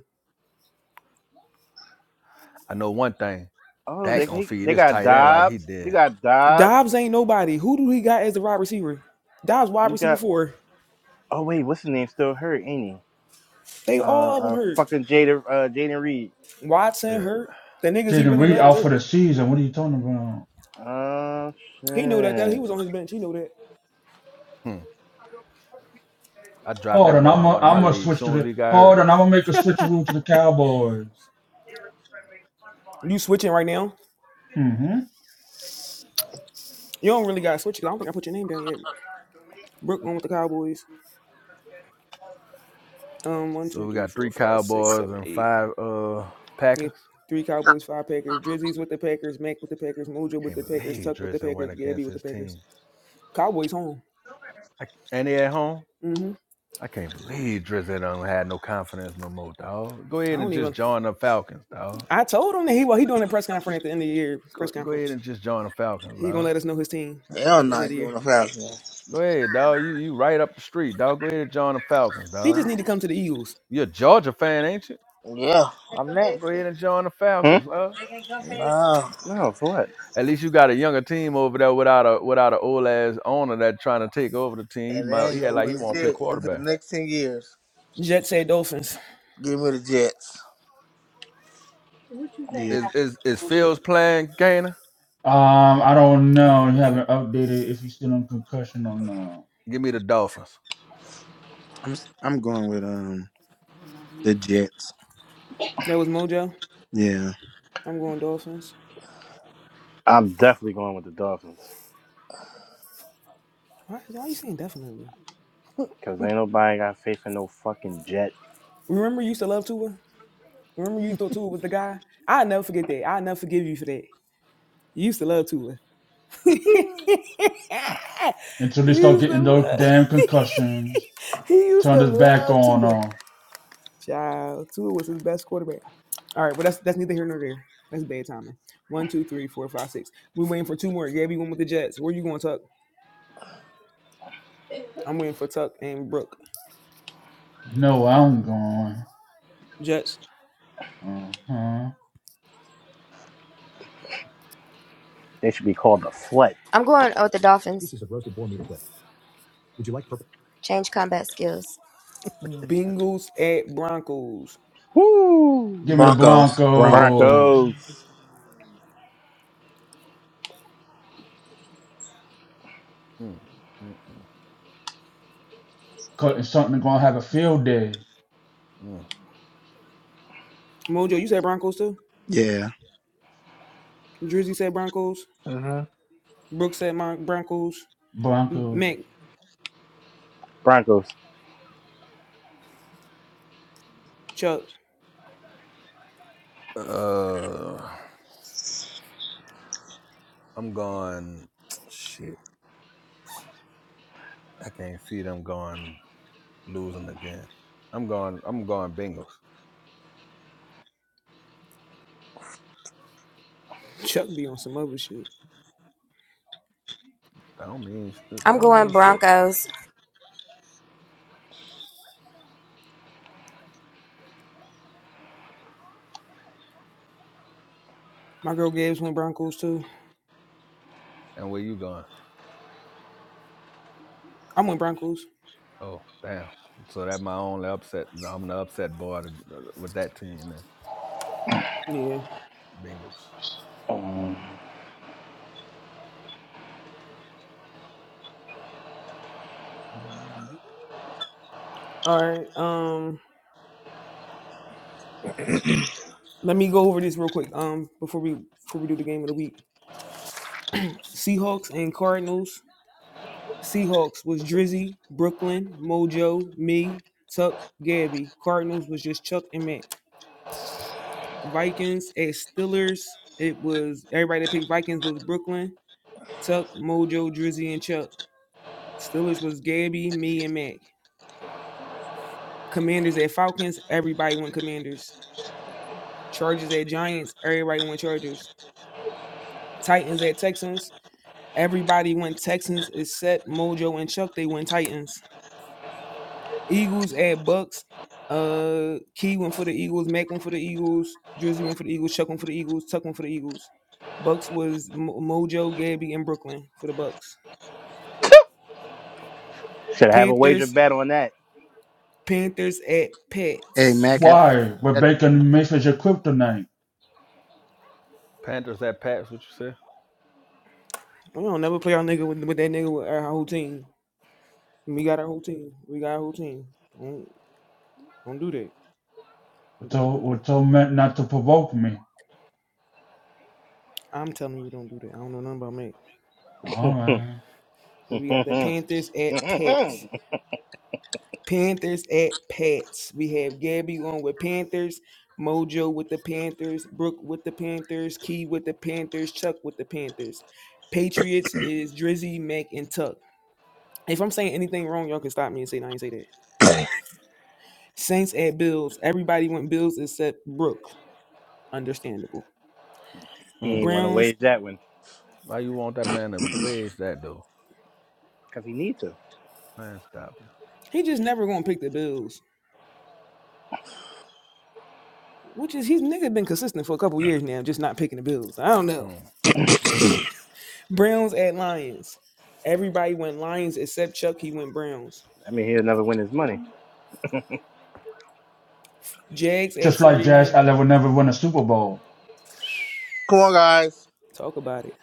Speaker 5: I know one thing.
Speaker 6: Oh,
Speaker 5: Dak
Speaker 6: they
Speaker 5: gonna
Speaker 6: they
Speaker 5: feed this
Speaker 6: got
Speaker 5: tight end like he
Speaker 6: Dobbs. You
Speaker 5: did.
Speaker 6: got Dobbs.
Speaker 2: Dobbs ain't nobody. Who do he got as the wide receiver? Dobbs wide
Speaker 6: You
Speaker 2: receiver
Speaker 6: got.
Speaker 2: four.
Speaker 6: Oh wait, what's his name? Still hurt, ain't he?
Speaker 2: They
Speaker 6: Uh,
Speaker 2: all of them
Speaker 6: uh
Speaker 2: hurt.
Speaker 6: fucking Jada, uh, Jaden Reed.
Speaker 2: Watson
Speaker 5: Yeah.
Speaker 2: hurt. The niggas he
Speaker 4: Jaden
Speaker 2: really
Speaker 4: Reed
Speaker 2: loves
Speaker 4: out for
Speaker 2: hurt.
Speaker 4: the season. What are you talking about?
Speaker 6: Oh
Speaker 2: He knew that. That he
Speaker 6: shit.
Speaker 2: was on his bench. He knew that.
Speaker 5: Hmm. I dropped
Speaker 4: Hold
Speaker 5: that
Speaker 4: on, I'm
Speaker 5: boy in
Speaker 4: gonna
Speaker 5: one of my
Speaker 4: I'm gonna
Speaker 5: leagues as
Speaker 4: switch to
Speaker 5: soon as
Speaker 4: the.
Speaker 5: he got
Speaker 4: Hold
Speaker 5: hurt.
Speaker 4: on, I'm gonna make a switch rule to the Cowboys.
Speaker 2: You switching right now?
Speaker 4: hmm
Speaker 2: You don't really got to switch. 'cause I don't think I put your name down yet. Brook going with the Cowboys. Um, one,
Speaker 5: So
Speaker 2: two,
Speaker 5: we
Speaker 2: three,
Speaker 5: got
Speaker 2: four,
Speaker 5: three
Speaker 2: five, six,
Speaker 5: Cowboys
Speaker 2: seven,
Speaker 5: and
Speaker 2: eight.
Speaker 5: five uh
Speaker 2: Yeah,
Speaker 5: Packers.
Speaker 2: three Cowboys, five Packers. Drizzy's with the Packers. Mac with the Packers. Mojo with
Speaker 5: Can't
Speaker 2: the Packers.
Speaker 5: believe
Speaker 2: Tuck with the
Speaker 5: Drizzy went
Speaker 2: Packers. Gabby
Speaker 5: against
Speaker 2: with the
Speaker 5: his
Speaker 2: Packers.
Speaker 5: team.
Speaker 2: Cowboys home.
Speaker 5: I, and he at home.
Speaker 2: Mm-hmm.
Speaker 5: I can't believe Drizzy don't have no confidence no more, dog. Go
Speaker 2: I
Speaker 5: ahead
Speaker 2: don't
Speaker 5: and just
Speaker 2: even.
Speaker 5: join the Falcons, dog.
Speaker 2: I told him that he well he doing a press conference
Speaker 5: Just
Speaker 2: at the end of the year press
Speaker 5: go, go
Speaker 2: conference.
Speaker 5: ahead and just join the Falcons,
Speaker 2: He gonna
Speaker 5: dog.
Speaker 2: let us know his team
Speaker 1: They're
Speaker 2: at the end of
Speaker 1: not
Speaker 2: the year.
Speaker 1: doing the Falcons.
Speaker 5: Go ahead, dog. You you right up the street, dog. Go ahead and join the Falcons,
Speaker 2: He
Speaker 5: dog.
Speaker 2: just need to come to the Eagles.
Speaker 5: You're a Georgia fan, ain't you?
Speaker 1: Yeah, I'm
Speaker 5: Well,
Speaker 1: next.
Speaker 5: go ahead and join the
Speaker 6: Hmm.
Speaker 5: Falcons, love.
Speaker 1: No.
Speaker 6: No, for what?
Speaker 5: At least you got a younger team over there without a without an old ass owner that trying to take over the team. He
Speaker 1: And they
Speaker 5: might
Speaker 1: ain't
Speaker 5: he had
Speaker 1: gonna
Speaker 5: like
Speaker 1: win
Speaker 5: he
Speaker 1: the
Speaker 5: want to play
Speaker 1: shit into the
Speaker 5: quarterback.
Speaker 1: next 10 years.
Speaker 2: Jet said Dolphins.
Speaker 1: Give me the Jets.
Speaker 8: Yeah.
Speaker 5: Is is is Fields playing Gainer?
Speaker 4: Um, I don't know.
Speaker 2: He-
Speaker 4: You
Speaker 2: nigga,
Speaker 4: haven't updated if he's still on concussion or not.
Speaker 5: Give me the Dolphins.
Speaker 8: I'm s- I'm going with um the Jets.
Speaker 2: that was Mojo.
Speaker 8: Yeah.
Speaker 2: I'm going Dolphins.
Speaker 6: I'm definitely going with the Dolphins
Speaker 2: Why, why are you saying definitely?
Speaker 6: because ain't nobody got faith in no fucking jet.
Speaker 2: Remember you used to love Tua? Remember you thought Tua was the guy? I'll never forget that. I'll never forgive you for that. You used to love Tua. you
Speaker 4: Until they start
Speaker 2: used to
Speaker 4: getting those
Speaker 2: love
Speaker 4: damn concussions,
Speaker 2: he used
Speaker 4: turn
Speaker 2: to
Speaker 4: this back
Speaker 2: love
Speaker 4: on.
Speaker 2: Tua.
Speaker 4: Uh,
Speaker 2: Child, Tua was his best quarterback. All right, well that's that's neither here nor there. That's bad timing. One, two, three, four, five, six. We're waiting for two more. Gabby went with the Jets. Where you going, Tuck? I'm waiting for Tuck and Brooke.
Speaker 4: you know where I'm going.
Speaker 2: Jets.
Speaker 4: Uh huh.
Speaker 6: They should be called the Flet.
Speaker 3: I'm going with oh, the Dolphins. Pieces of roasted boar meat equipped. Change combat skills.
Speaker 2: Bengals at Broncos.
Speaker 6: Woo!
Speaker 4: Give me the
Speaker 1: Broncos.
Speaker 8: Bronco.
Speaker 4: Broncos.
Speaker 6: Broncos.
Speaker 5: Mm, mm,
Speaker 4: Cutting something gonna have a field day.
Speaker 5: mm,
Speaker 2: Mojo, you said Broncos too?
Speaker 8: Yeah.
Speaker 2: Drizzy said Broncos.
Speaker 1: hmm
Speaker 2: Brooke said Mon- Broncos.
Speaker 4: Broncos.
Speaker 2: Mac,
Speaker 6: Broncos.
Speaker 2: Chuck.
Speaker 5: mm. Uh, I'm going. Shit, I can't see them going losing again. I'm going. I'm going Bengals.
Speaker 2: Chuck be on some other shit.
Speaker 5: That don't mean.
Speaker 3: I'm
Speaker 5: That don't
Speaker 3: going
Speaker 5: mean shit.
Speaker 3: Broncos.
Speaker 2: My girl Gabs went Broncos too.
Speaker 5: And where you going?
Speaker 2: I went Broncos.
Speaker 5: Oh, damn. So that my only upset. I'm the upset boy to- with that team, man.
Speaker 2: Yeah.
Speaker 5: Bengals.
Speaker 2: All right. Um, let me go over this real quick. Um, before we before we do the game of the week. Seahawks and Cardinals. Seahawks was Drizzy, Brooklyn, Mojo, me, Tuck, Gabby. Cardinals was just Chuck and Mac. Vikings at Steelers, it was everybody that picked Vikings was Brooklyn, Tuck, Mojo, Drizzy, and Chuck. Steelers was Gabby, me, and Mac. Commanders at Falcons, everybody went Commanders. Chargers at Giants, everybody went Chargers. Titans at Texans, everybody went Texans except Mojo and Chuck, they went Titans. Eagles at Bucks. Uh, Key went for the Eagles. Mac went for the Eagles. Drizzy went for the Eagles. Chuck went for the Eagles. Tuck went for the Eagles. Bucks was Mo- Mojo, Gabby, and Brooklyn for the Bucks.
Speaker 6: Should have a wager
Speaker 2: Panthers.
Speaker 6: bet on that.
Speaker 2: Panthers at
Speaker 8: Hey Mac,
Speaker 2: Pets.
Speaker 8: I think
Speaker 4: Why,
Speaker 8: that
Speaker 4: Rebecca Smith is a kryptonite.
Speaker 5: Panthers at Pats, what you say?
Speaker 2: We don't never play our nigga with, with that nigga with our whole team. We got our whole team. We got our whole team. Don't don't do that.
Speaker 4: It's
Speaker 2: Don't do
Speaker 4: all,
Speaker 2: that.
Speaker 4: it's all meant not to provoke me.
Speaker 2: I'm telling you, don't do that. I don't know nothing about Mac.
Speaker 6: he
Speaker 4: Alright.
Speaker 2: So we got the Panthers at Pets. Panthers at Pats. We have Gabby on with Panthers, Mojo with the Panthers, Brooke with the Panthers, Key with the Panthers, Chuck with the Panthers. Patriots is Drizzy, Mac, and Tuck. If I'm saying anything wrong, y'all can stop me and say no, I ain't say that.
Speaker 1: Come
Speaker 2: Saints at Bills. Everybody went Bills except Brooke. Understandable.
Speaker 5: Hmm.
Speaker 6: ain't want to
Speaker 2: Browns.
Speaker 6: wage that one
Speaker 5: Why you want that man to wedge that, though?
Speaker 6: because he needs to.
Speaker 5: Man, stop
Speaker 2: He just never gonna pick the Bills. Which is he's nigga been consistent for a couple years now, just not picking the Bills. I don't
Speaker 5: it.
Speaker 2: know.
Speaker 5: Hmm.
Speaker 2: Browns at Lions. Everybody went Lions except Chuck. He went Browns.
Speaker 6: I mean, he'll never win his money.
Speaker 2: Jags at
Speaker 4: Just like Jazz
Speaker 2: 49.
Speaker 4: I will never win a Super Bowl.
Speaker 1: on, guys.
Speaker 2: Talk about it.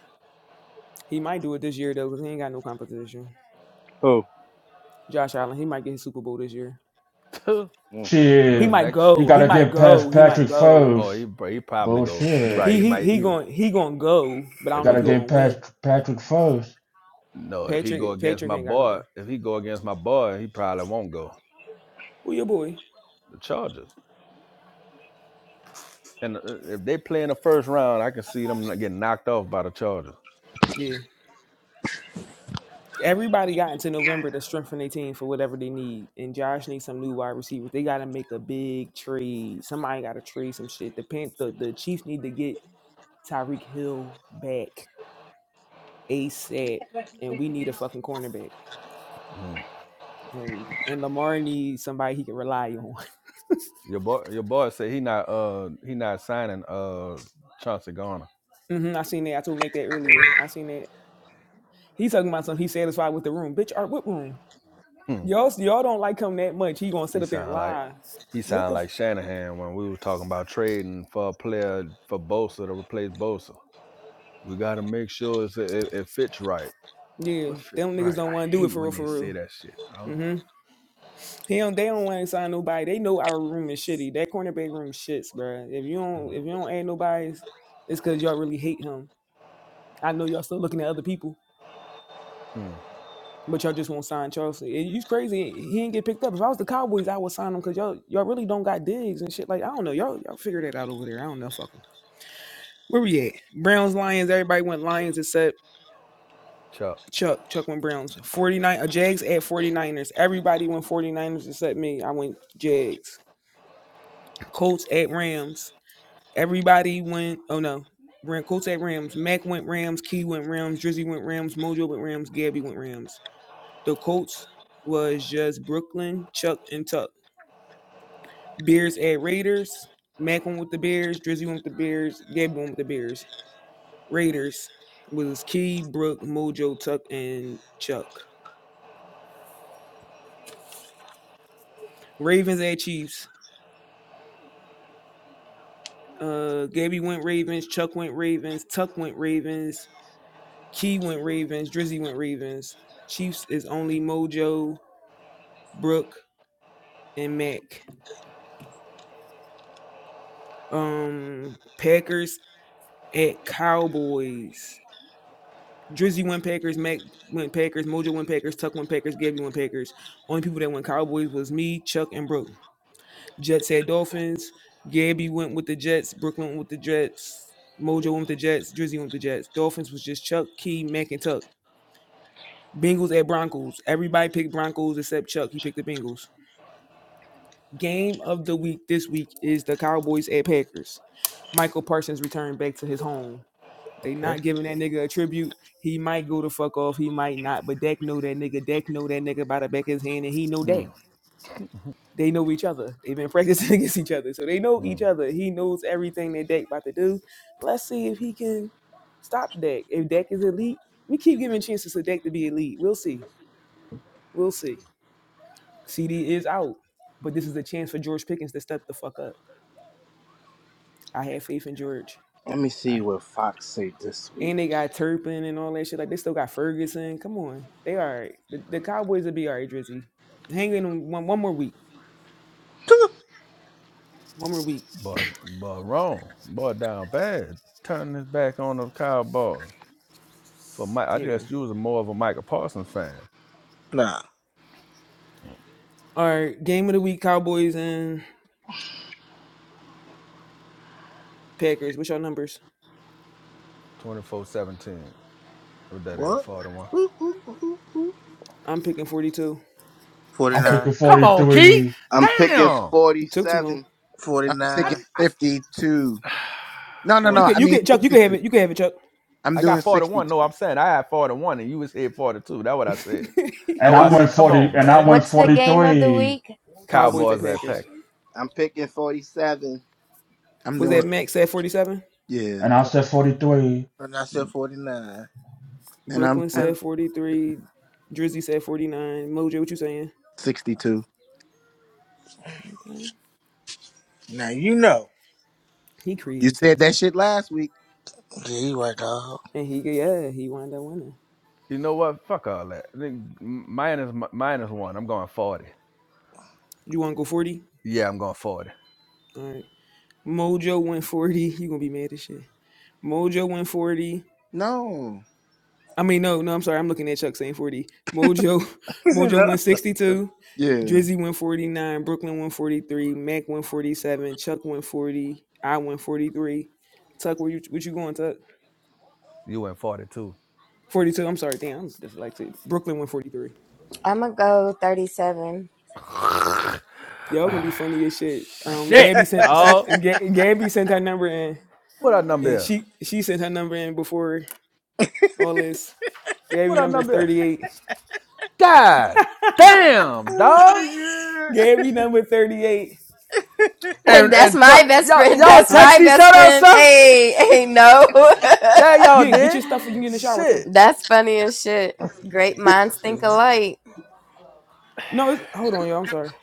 Speaker 2: He might do it this year though, because he ain't got no competition.
Speaker 6: Who?
Speaker 2: Josh Allen, he might get his Super Bowl this year.
Speaker 6: Mm.
Speaker 2: He
Speaker 5: go,
Speaker 4: Shit.
Speaker 2: might
Speaker 5: next.
Speaker 4: You
Speaker 2: go. He
Speaker 4: gotta
Speaker 2: might
Speaker 4: get
Speaker 2: go.
Speaker 4: past
Speaker 2: He might
Speaker 4: Patrick
Speaker 2: go.
Speaker 5: Oh,
Speaker 4: first.
Speaker 5: he, pr- he probably go. you
Speaker 4: Bullshit.
Speaker 5: right.
Speaker 2: He
Speaker 5: He
Speaker 2: he
Speaker 5: might
Speaker 2: he
Speaker 5: even.
Speaker 2: going he going to go, but I don't
Speaker 5: If
Speaker 2: know
Speaker 5: he
Speaker 2: if
Speaker 4: Gotta
Speaker 2: he
Speaker 5: go.
Speaker 4: get
Speaker 2: going to
Speaker 4: past
Speaker 2: win.
Speaker 4: Patrick first.
Speaker 5: No, if he go
Speaker 2: Patrick
Speaker 5: against
Speaker 2: Patrick
Speaker 5: my
Speaker 2: ain't got
Speaker 5: boy,
Speaker 2: nobody.
Speaker 5: if he go against my boy, he probably won't go.
Speaker 2: Who your boy?
Speaker 5: The Chargers. And uh, if they play in the first round, I can see them not getting knocked off by the Chargers.
Speaker 2: Yeah. Everybody got into November to strengthen their team for whatever they need, and Josh needs some new wide receivers. They got to make a big trade. Somebody got to trade some shit. The Pan- the the Chiefs need to get Tyreek Hill back. Ace said, and we need a fucking cornerback.
Speaker 5: Mm.
Speaker 2: No, and Lamar needs somebody he can rely on.
Speaker 5: Your boy, your boy said he not uh he not signing uh Chauncey Garner.
Speaker 2: hmm I seen that. I told him make that earlier. I seen that. He talking about something. He satisfied with the room. Bitch, art what room?
Speaker 5: Hmm.
Speaker 2: Y'all, y'all don't like him that much. He gonna
Speaker 5: He
Speaker 2: sit up there and
Speaker 5: sound like
Speaker 2: lie.
Speaker 5: he
Speaker 2: What the?
Speaker 5: sound
Speaker 2: F-
Speaker 5: like Shanahan when we was talking about trading for a player for Bosa to replace Bosa. We got to make sure it's, it, it fits right.
Speaker 2: yeah,
Speaker 5: What fit
Speaker 2: them niggas
Speaker 5: right?
Speaker 2: don't want
Speaker 5: I
Speaker 2: to do it
Speaker 5: hate
Speaker 2: for real,
Speaker 5: when they
Speaker 2: for
Speaker 5: say
Speaker 2: real.
Speaker 5: that shit, dog.
Speaker 2: Mm-hmm. He don't. They don't want to sign nobody. They know our room is shitty. That cornerback room shits, bruh. If you don't,
Speaker 5: Hmm.
Speaker 2: if you don't add nobody, it's because y'all really hate him. I know y'all still looking at other people.
Speaker 5: Hmm.
Speaker 2: But y'all just won't sign Chelsea. And It's crazy. He didn't get picked up. If I was the Cowboys, I would sign him because y'all y'all really don't got digs and shit. Like I don't know. Y'all y'all figure that out over there. I don't know. Fuck them. Where we at? Browns, Lions. Everybody went Lions except
Speaker 5: Chuck.
Speaker 2: Chuck. Chuck went Browns. 49 uh, Jags at 49ers. Everybody went 49ers except me. I went Jags. Colts at Rams. Everybody went. Oh no. Ram, Colts at Rams. Mac went Rams. Key went Rams. Drizzy went Rams. Mojo went Rams. Gabby went Rams. The Colts was just Brooklyn, Chuck, and Tuck. Bears at Raiders. Mac went with the Bears. Drizzy went with the Bears. Gabby went with the Bears. Raiders was Key, Brooke, Mojo, Tuck, and Chuck. Ravens at Chiefs. Uh, Gabby went Ravens. Chuck went Ravens. Tuck went Ravens. Key went Ravens. Drizzy went Ravens. Chiefs is only Mojo, Brooke, and Mac. Um, Packers at Cowboys. Drizzy Winpakers, Mac Winpakers, Mojo Winpakers, Tuck Winpakers, Gabby Winpakers. Only people that went Cowboys was me, Chuck, and Brooke. Jets had Dolphins. Gabby went with the Jets. Brooke went with the Jets. Mojo went with the Jets. Drizzy went with the Jets. Dolphins was just Chuck, Key, Mac, and Tuck. Bengals at Broncos. Everybody picked Broncos except Chuck. He picked the Bengals. Game of the week this week is the Cowboys at Packers. Michael Parsons returned back to his home. They
Speaker 5: Okay.
Speaker 2: not giving that nigga a tribute. He might go the fuck off. He might not. But Dak know that nigga. Dak know that nigga by the back of his hand, and he know
Speaker 5: Hmm.
Speaker 2: Dak. They know each other. They've been practicing against each other, so they know
Speaker 5: Hmm.
Speaker 2: each other. He knows everything that Dak about to do. Let's see if he can stop Dak. If Dak is elite, we keep giving chances to Dak to be elite. We'll see. We'll see. CD is out, but this is a chance for George Pickens to step the fuck up. I have faith in George.
Speaker 6: Let me see
Speaker 2: I
Speaker 6: what Fox say this week.
Speaker 2: And they got Turpin and all that shit. Like they still got Ferguson. Come on, they all right. The, the Cowboys will be all right, Drizzy. Hang in one one more week. One more week.
Speaker 5: Boy, boy, wrong. Boy, down bad. Turning his back on the Cowboys. For Mike, I
Speaker 2: Yeah.
Speaker 5: guess you was more of a Michael Parsons fan.
Speaker 1: Nah.
Speaker 2: All right. Game of the week: Cowboys and Packers. What's your numbers?
Speaker 5: 24 17. What that is,
Speaker 1: What?
Speaker 5: 41.
Speaker 1: Ooh, ooh, ooh, ooh, ooh.
Speaker 2: I'm picking 42.
Speaker 4: I'm picking
Speaker 1: 49.
Speaker 5: Come on, Keith.
Speaker 4: 43.
Speaker 6: I'm picking
Speaker 5: Damn.
Speaker 2: It took too long.
Speaker 6: 47.
Speaker 8: I'm
Speaker 5: I,
Speaker 8: thinking
Speaker 1: 49.
Speaker 5: I,
Speaker 8: 52. No, no,
Speaker 2: You
Speaker 1: 40,
Speaker 8: no.
Speaker 2: could,
Speaker 8: I
Speaker 2: you
Speaker 8: mean
Speaker 2: could, Chuck. You could have
Speaker 8: sixty-two.
Speaker 2: it. You could have it, Chuck.
Speaker 8: I'm
Speaker 5: I
Speaker 8: doing
Speaker 5: got 41.
Speaker 8: sixty-two.
Speaker 5: No, I'm saying I had 41 and you was here 42. That's what I said.
Speaker 4: And
Speaker 5: That's
Speaker 8: I'm
Speaker 5: why I
Speaker 4: I
Speaker 8: doing.
Speaker 4: went
Speaker 5: said, come
Speaker 4: 40,
Speaker 5: on,
Speaker 4: and I
Speaker 5: man.
Speaker 4: went
Speaker 3: What's the game of the
Speaker 4: 43.
Speaker 3: week?
Speaker 6: I'm
Speaker 2: Cowboys and
Speaker 6: pick.
Speaker 5: Cowboys at
Speaker 2: Packers.
Speaker 5: Packers.
Speaker 6: I'm picking 47.
Speaker 8: I'm
Speaker 2: Was
Speaker 8: doing.
Speaker 2: that
Speaker 1: 40,
Speaker 2: Max said 47?
Speaker 8: Yeah,
Speaker 4: And I
Speaker 6: hmm
Speaker 4: said 43.
Speaker 1: when I said 49.
Speaker 8: and I'm
Speaker 2: Brooklyn
Speaker 8: doing
Speaker 5: And
Speaker 2: said 43. Drizzy said 49. Mojo, what you saying?
Speaker 8: sixty-two.
Speaker 2: Okay.
Speaker 1: Now you know.
Speaker 2: He
Speaker 8: You
Speaker 2: crazy
Speaker 8: said
Speaker 2: tells
Speaker 8: that
Speaker 2: me.
Speaker 8: shit last week.
Speaker 1: Yeah, you right, dog.
Speaker 2: And he, yeah, he wound up winning.
Speaker 5: you know what? Fuck all that. I think minus, minus one. I'm going 40.
Speaker 2: You want to go 40?
Speaker 5: Yeah, I'm going 40.
Speaker 2: All right. Mojo went 40. You gonna be mad as shit. Mojo went 40.
Speaker 8: No.
Speaker 2: I mean, no, no, I'm sorry. I'm looking at Chuck saying 40. Mojo,
Speaker 1: You
Speaker 2: Mojo
Speaker 1: know?
Speaker 2: went 62.
Speaker 8: Yeah.
Speaker 2: Drizzy went 49. Brooklyn went 43. Mac went 47. Chuck went 40. I went 43. Tuck, where you what you going, Tuck?
Speaker 5: You went 42.
Speaker 2: 42. I'm sorry, damn, I'm dyslexic. Brooklyn went 43.
Speaker 3: I'm gonna go 37.
Speaker 2: Y'all gonna be funny as shit. Um,
Speaker 5: Shit,
Speaker 2: Gabby sent sent
Speaker 5: dog.
Speaker 2: Ga- Gabby sent her number in,
Speaker 5: What our
Speaker 1: oh my
Speaker 2: and
Speaker 5: number is?
Speaker 2: she she sent her number in before all this.
Speaker 5: What
Speaker 2: Gabby
Speaker 5: our
Speaker 2: number is
Speaker 5: number is?
Speaker 2: 38.
Speaker 5: God damn,
Speaker 1: god.
Speaker 5: dog.
Speaker 1: Oh
Speaker 2: Gary number 38.
Speaker 5: And
Speaker 3: That's
Speaker 5: and t-
Speaker 3: my best
Speaker 5: y'all
Speaker 3: friend.
Speaker 5: y'all
Speaker 3: That's
Speaker 2: Huh?
Speaker 5: text
Speaker 3: my
Speaker 5: each
Speaker 3: best
Speaker 5: other, sir?
Speaker 3: friend. Hey, hey, no.
Speaker 5: Yeah, y'all
Speaker 2: Yeah, get
Speaker 5: did.
Speaker 2: your stuff when you get in the shower too.
Speaker 5: Shit.
Speaker 3: That's funny as shit. Great minds think alike.
Speaker 2: No, it's, hold on, y'all. I'm sorry.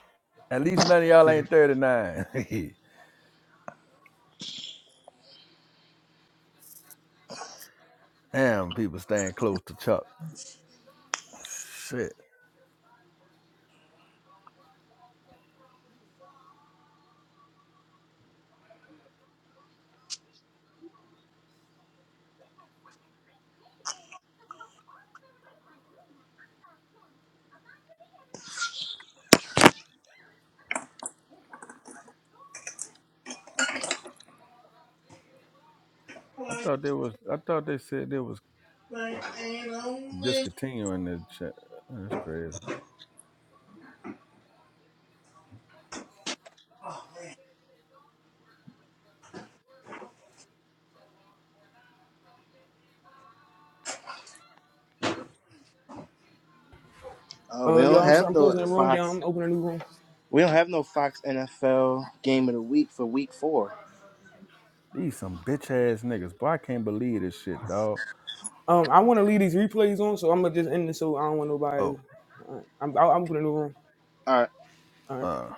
Speaker 5: At least none of y'all ain't 39. damn, people staying close to Chuck. Shit.
Speaker 1: my
Speaker 5: I
Speaker 1: god.
Speaker 5: thought they was I thought they said they was
Speaker 1: Like, like, ain't no
Speaker 5: discontinuing the shit. That's crazy.
Speaker 1: way.
Speaker 6: Oh, we
Speaker 2: Uh, y'all,
Speaker 6: don't
Speaker 2: I'm sorry.
Speaker 6: have
Speaker 2: I'm
Speaker 6: no
Speaker 2: closing the room down.
Speaker 6: Fox.
Speaker 2: I'm opening a new room.
Speaker 6: We don't have no Fox NFL game of the week for week four.
Speaker 5: These some bitch ass niggas. Boy, I can't believe this shit, dog.
Speaker 2: Um, I want to leave these replays on, so I'm gonna just end this so I don't want nobody.
Speaker 5: Oh,
Speaker 2: All right, I'm, I'll, I'm opening a new room.
Speaker 6: All right.
Speaker 2: All right.
Speaker 5: uh.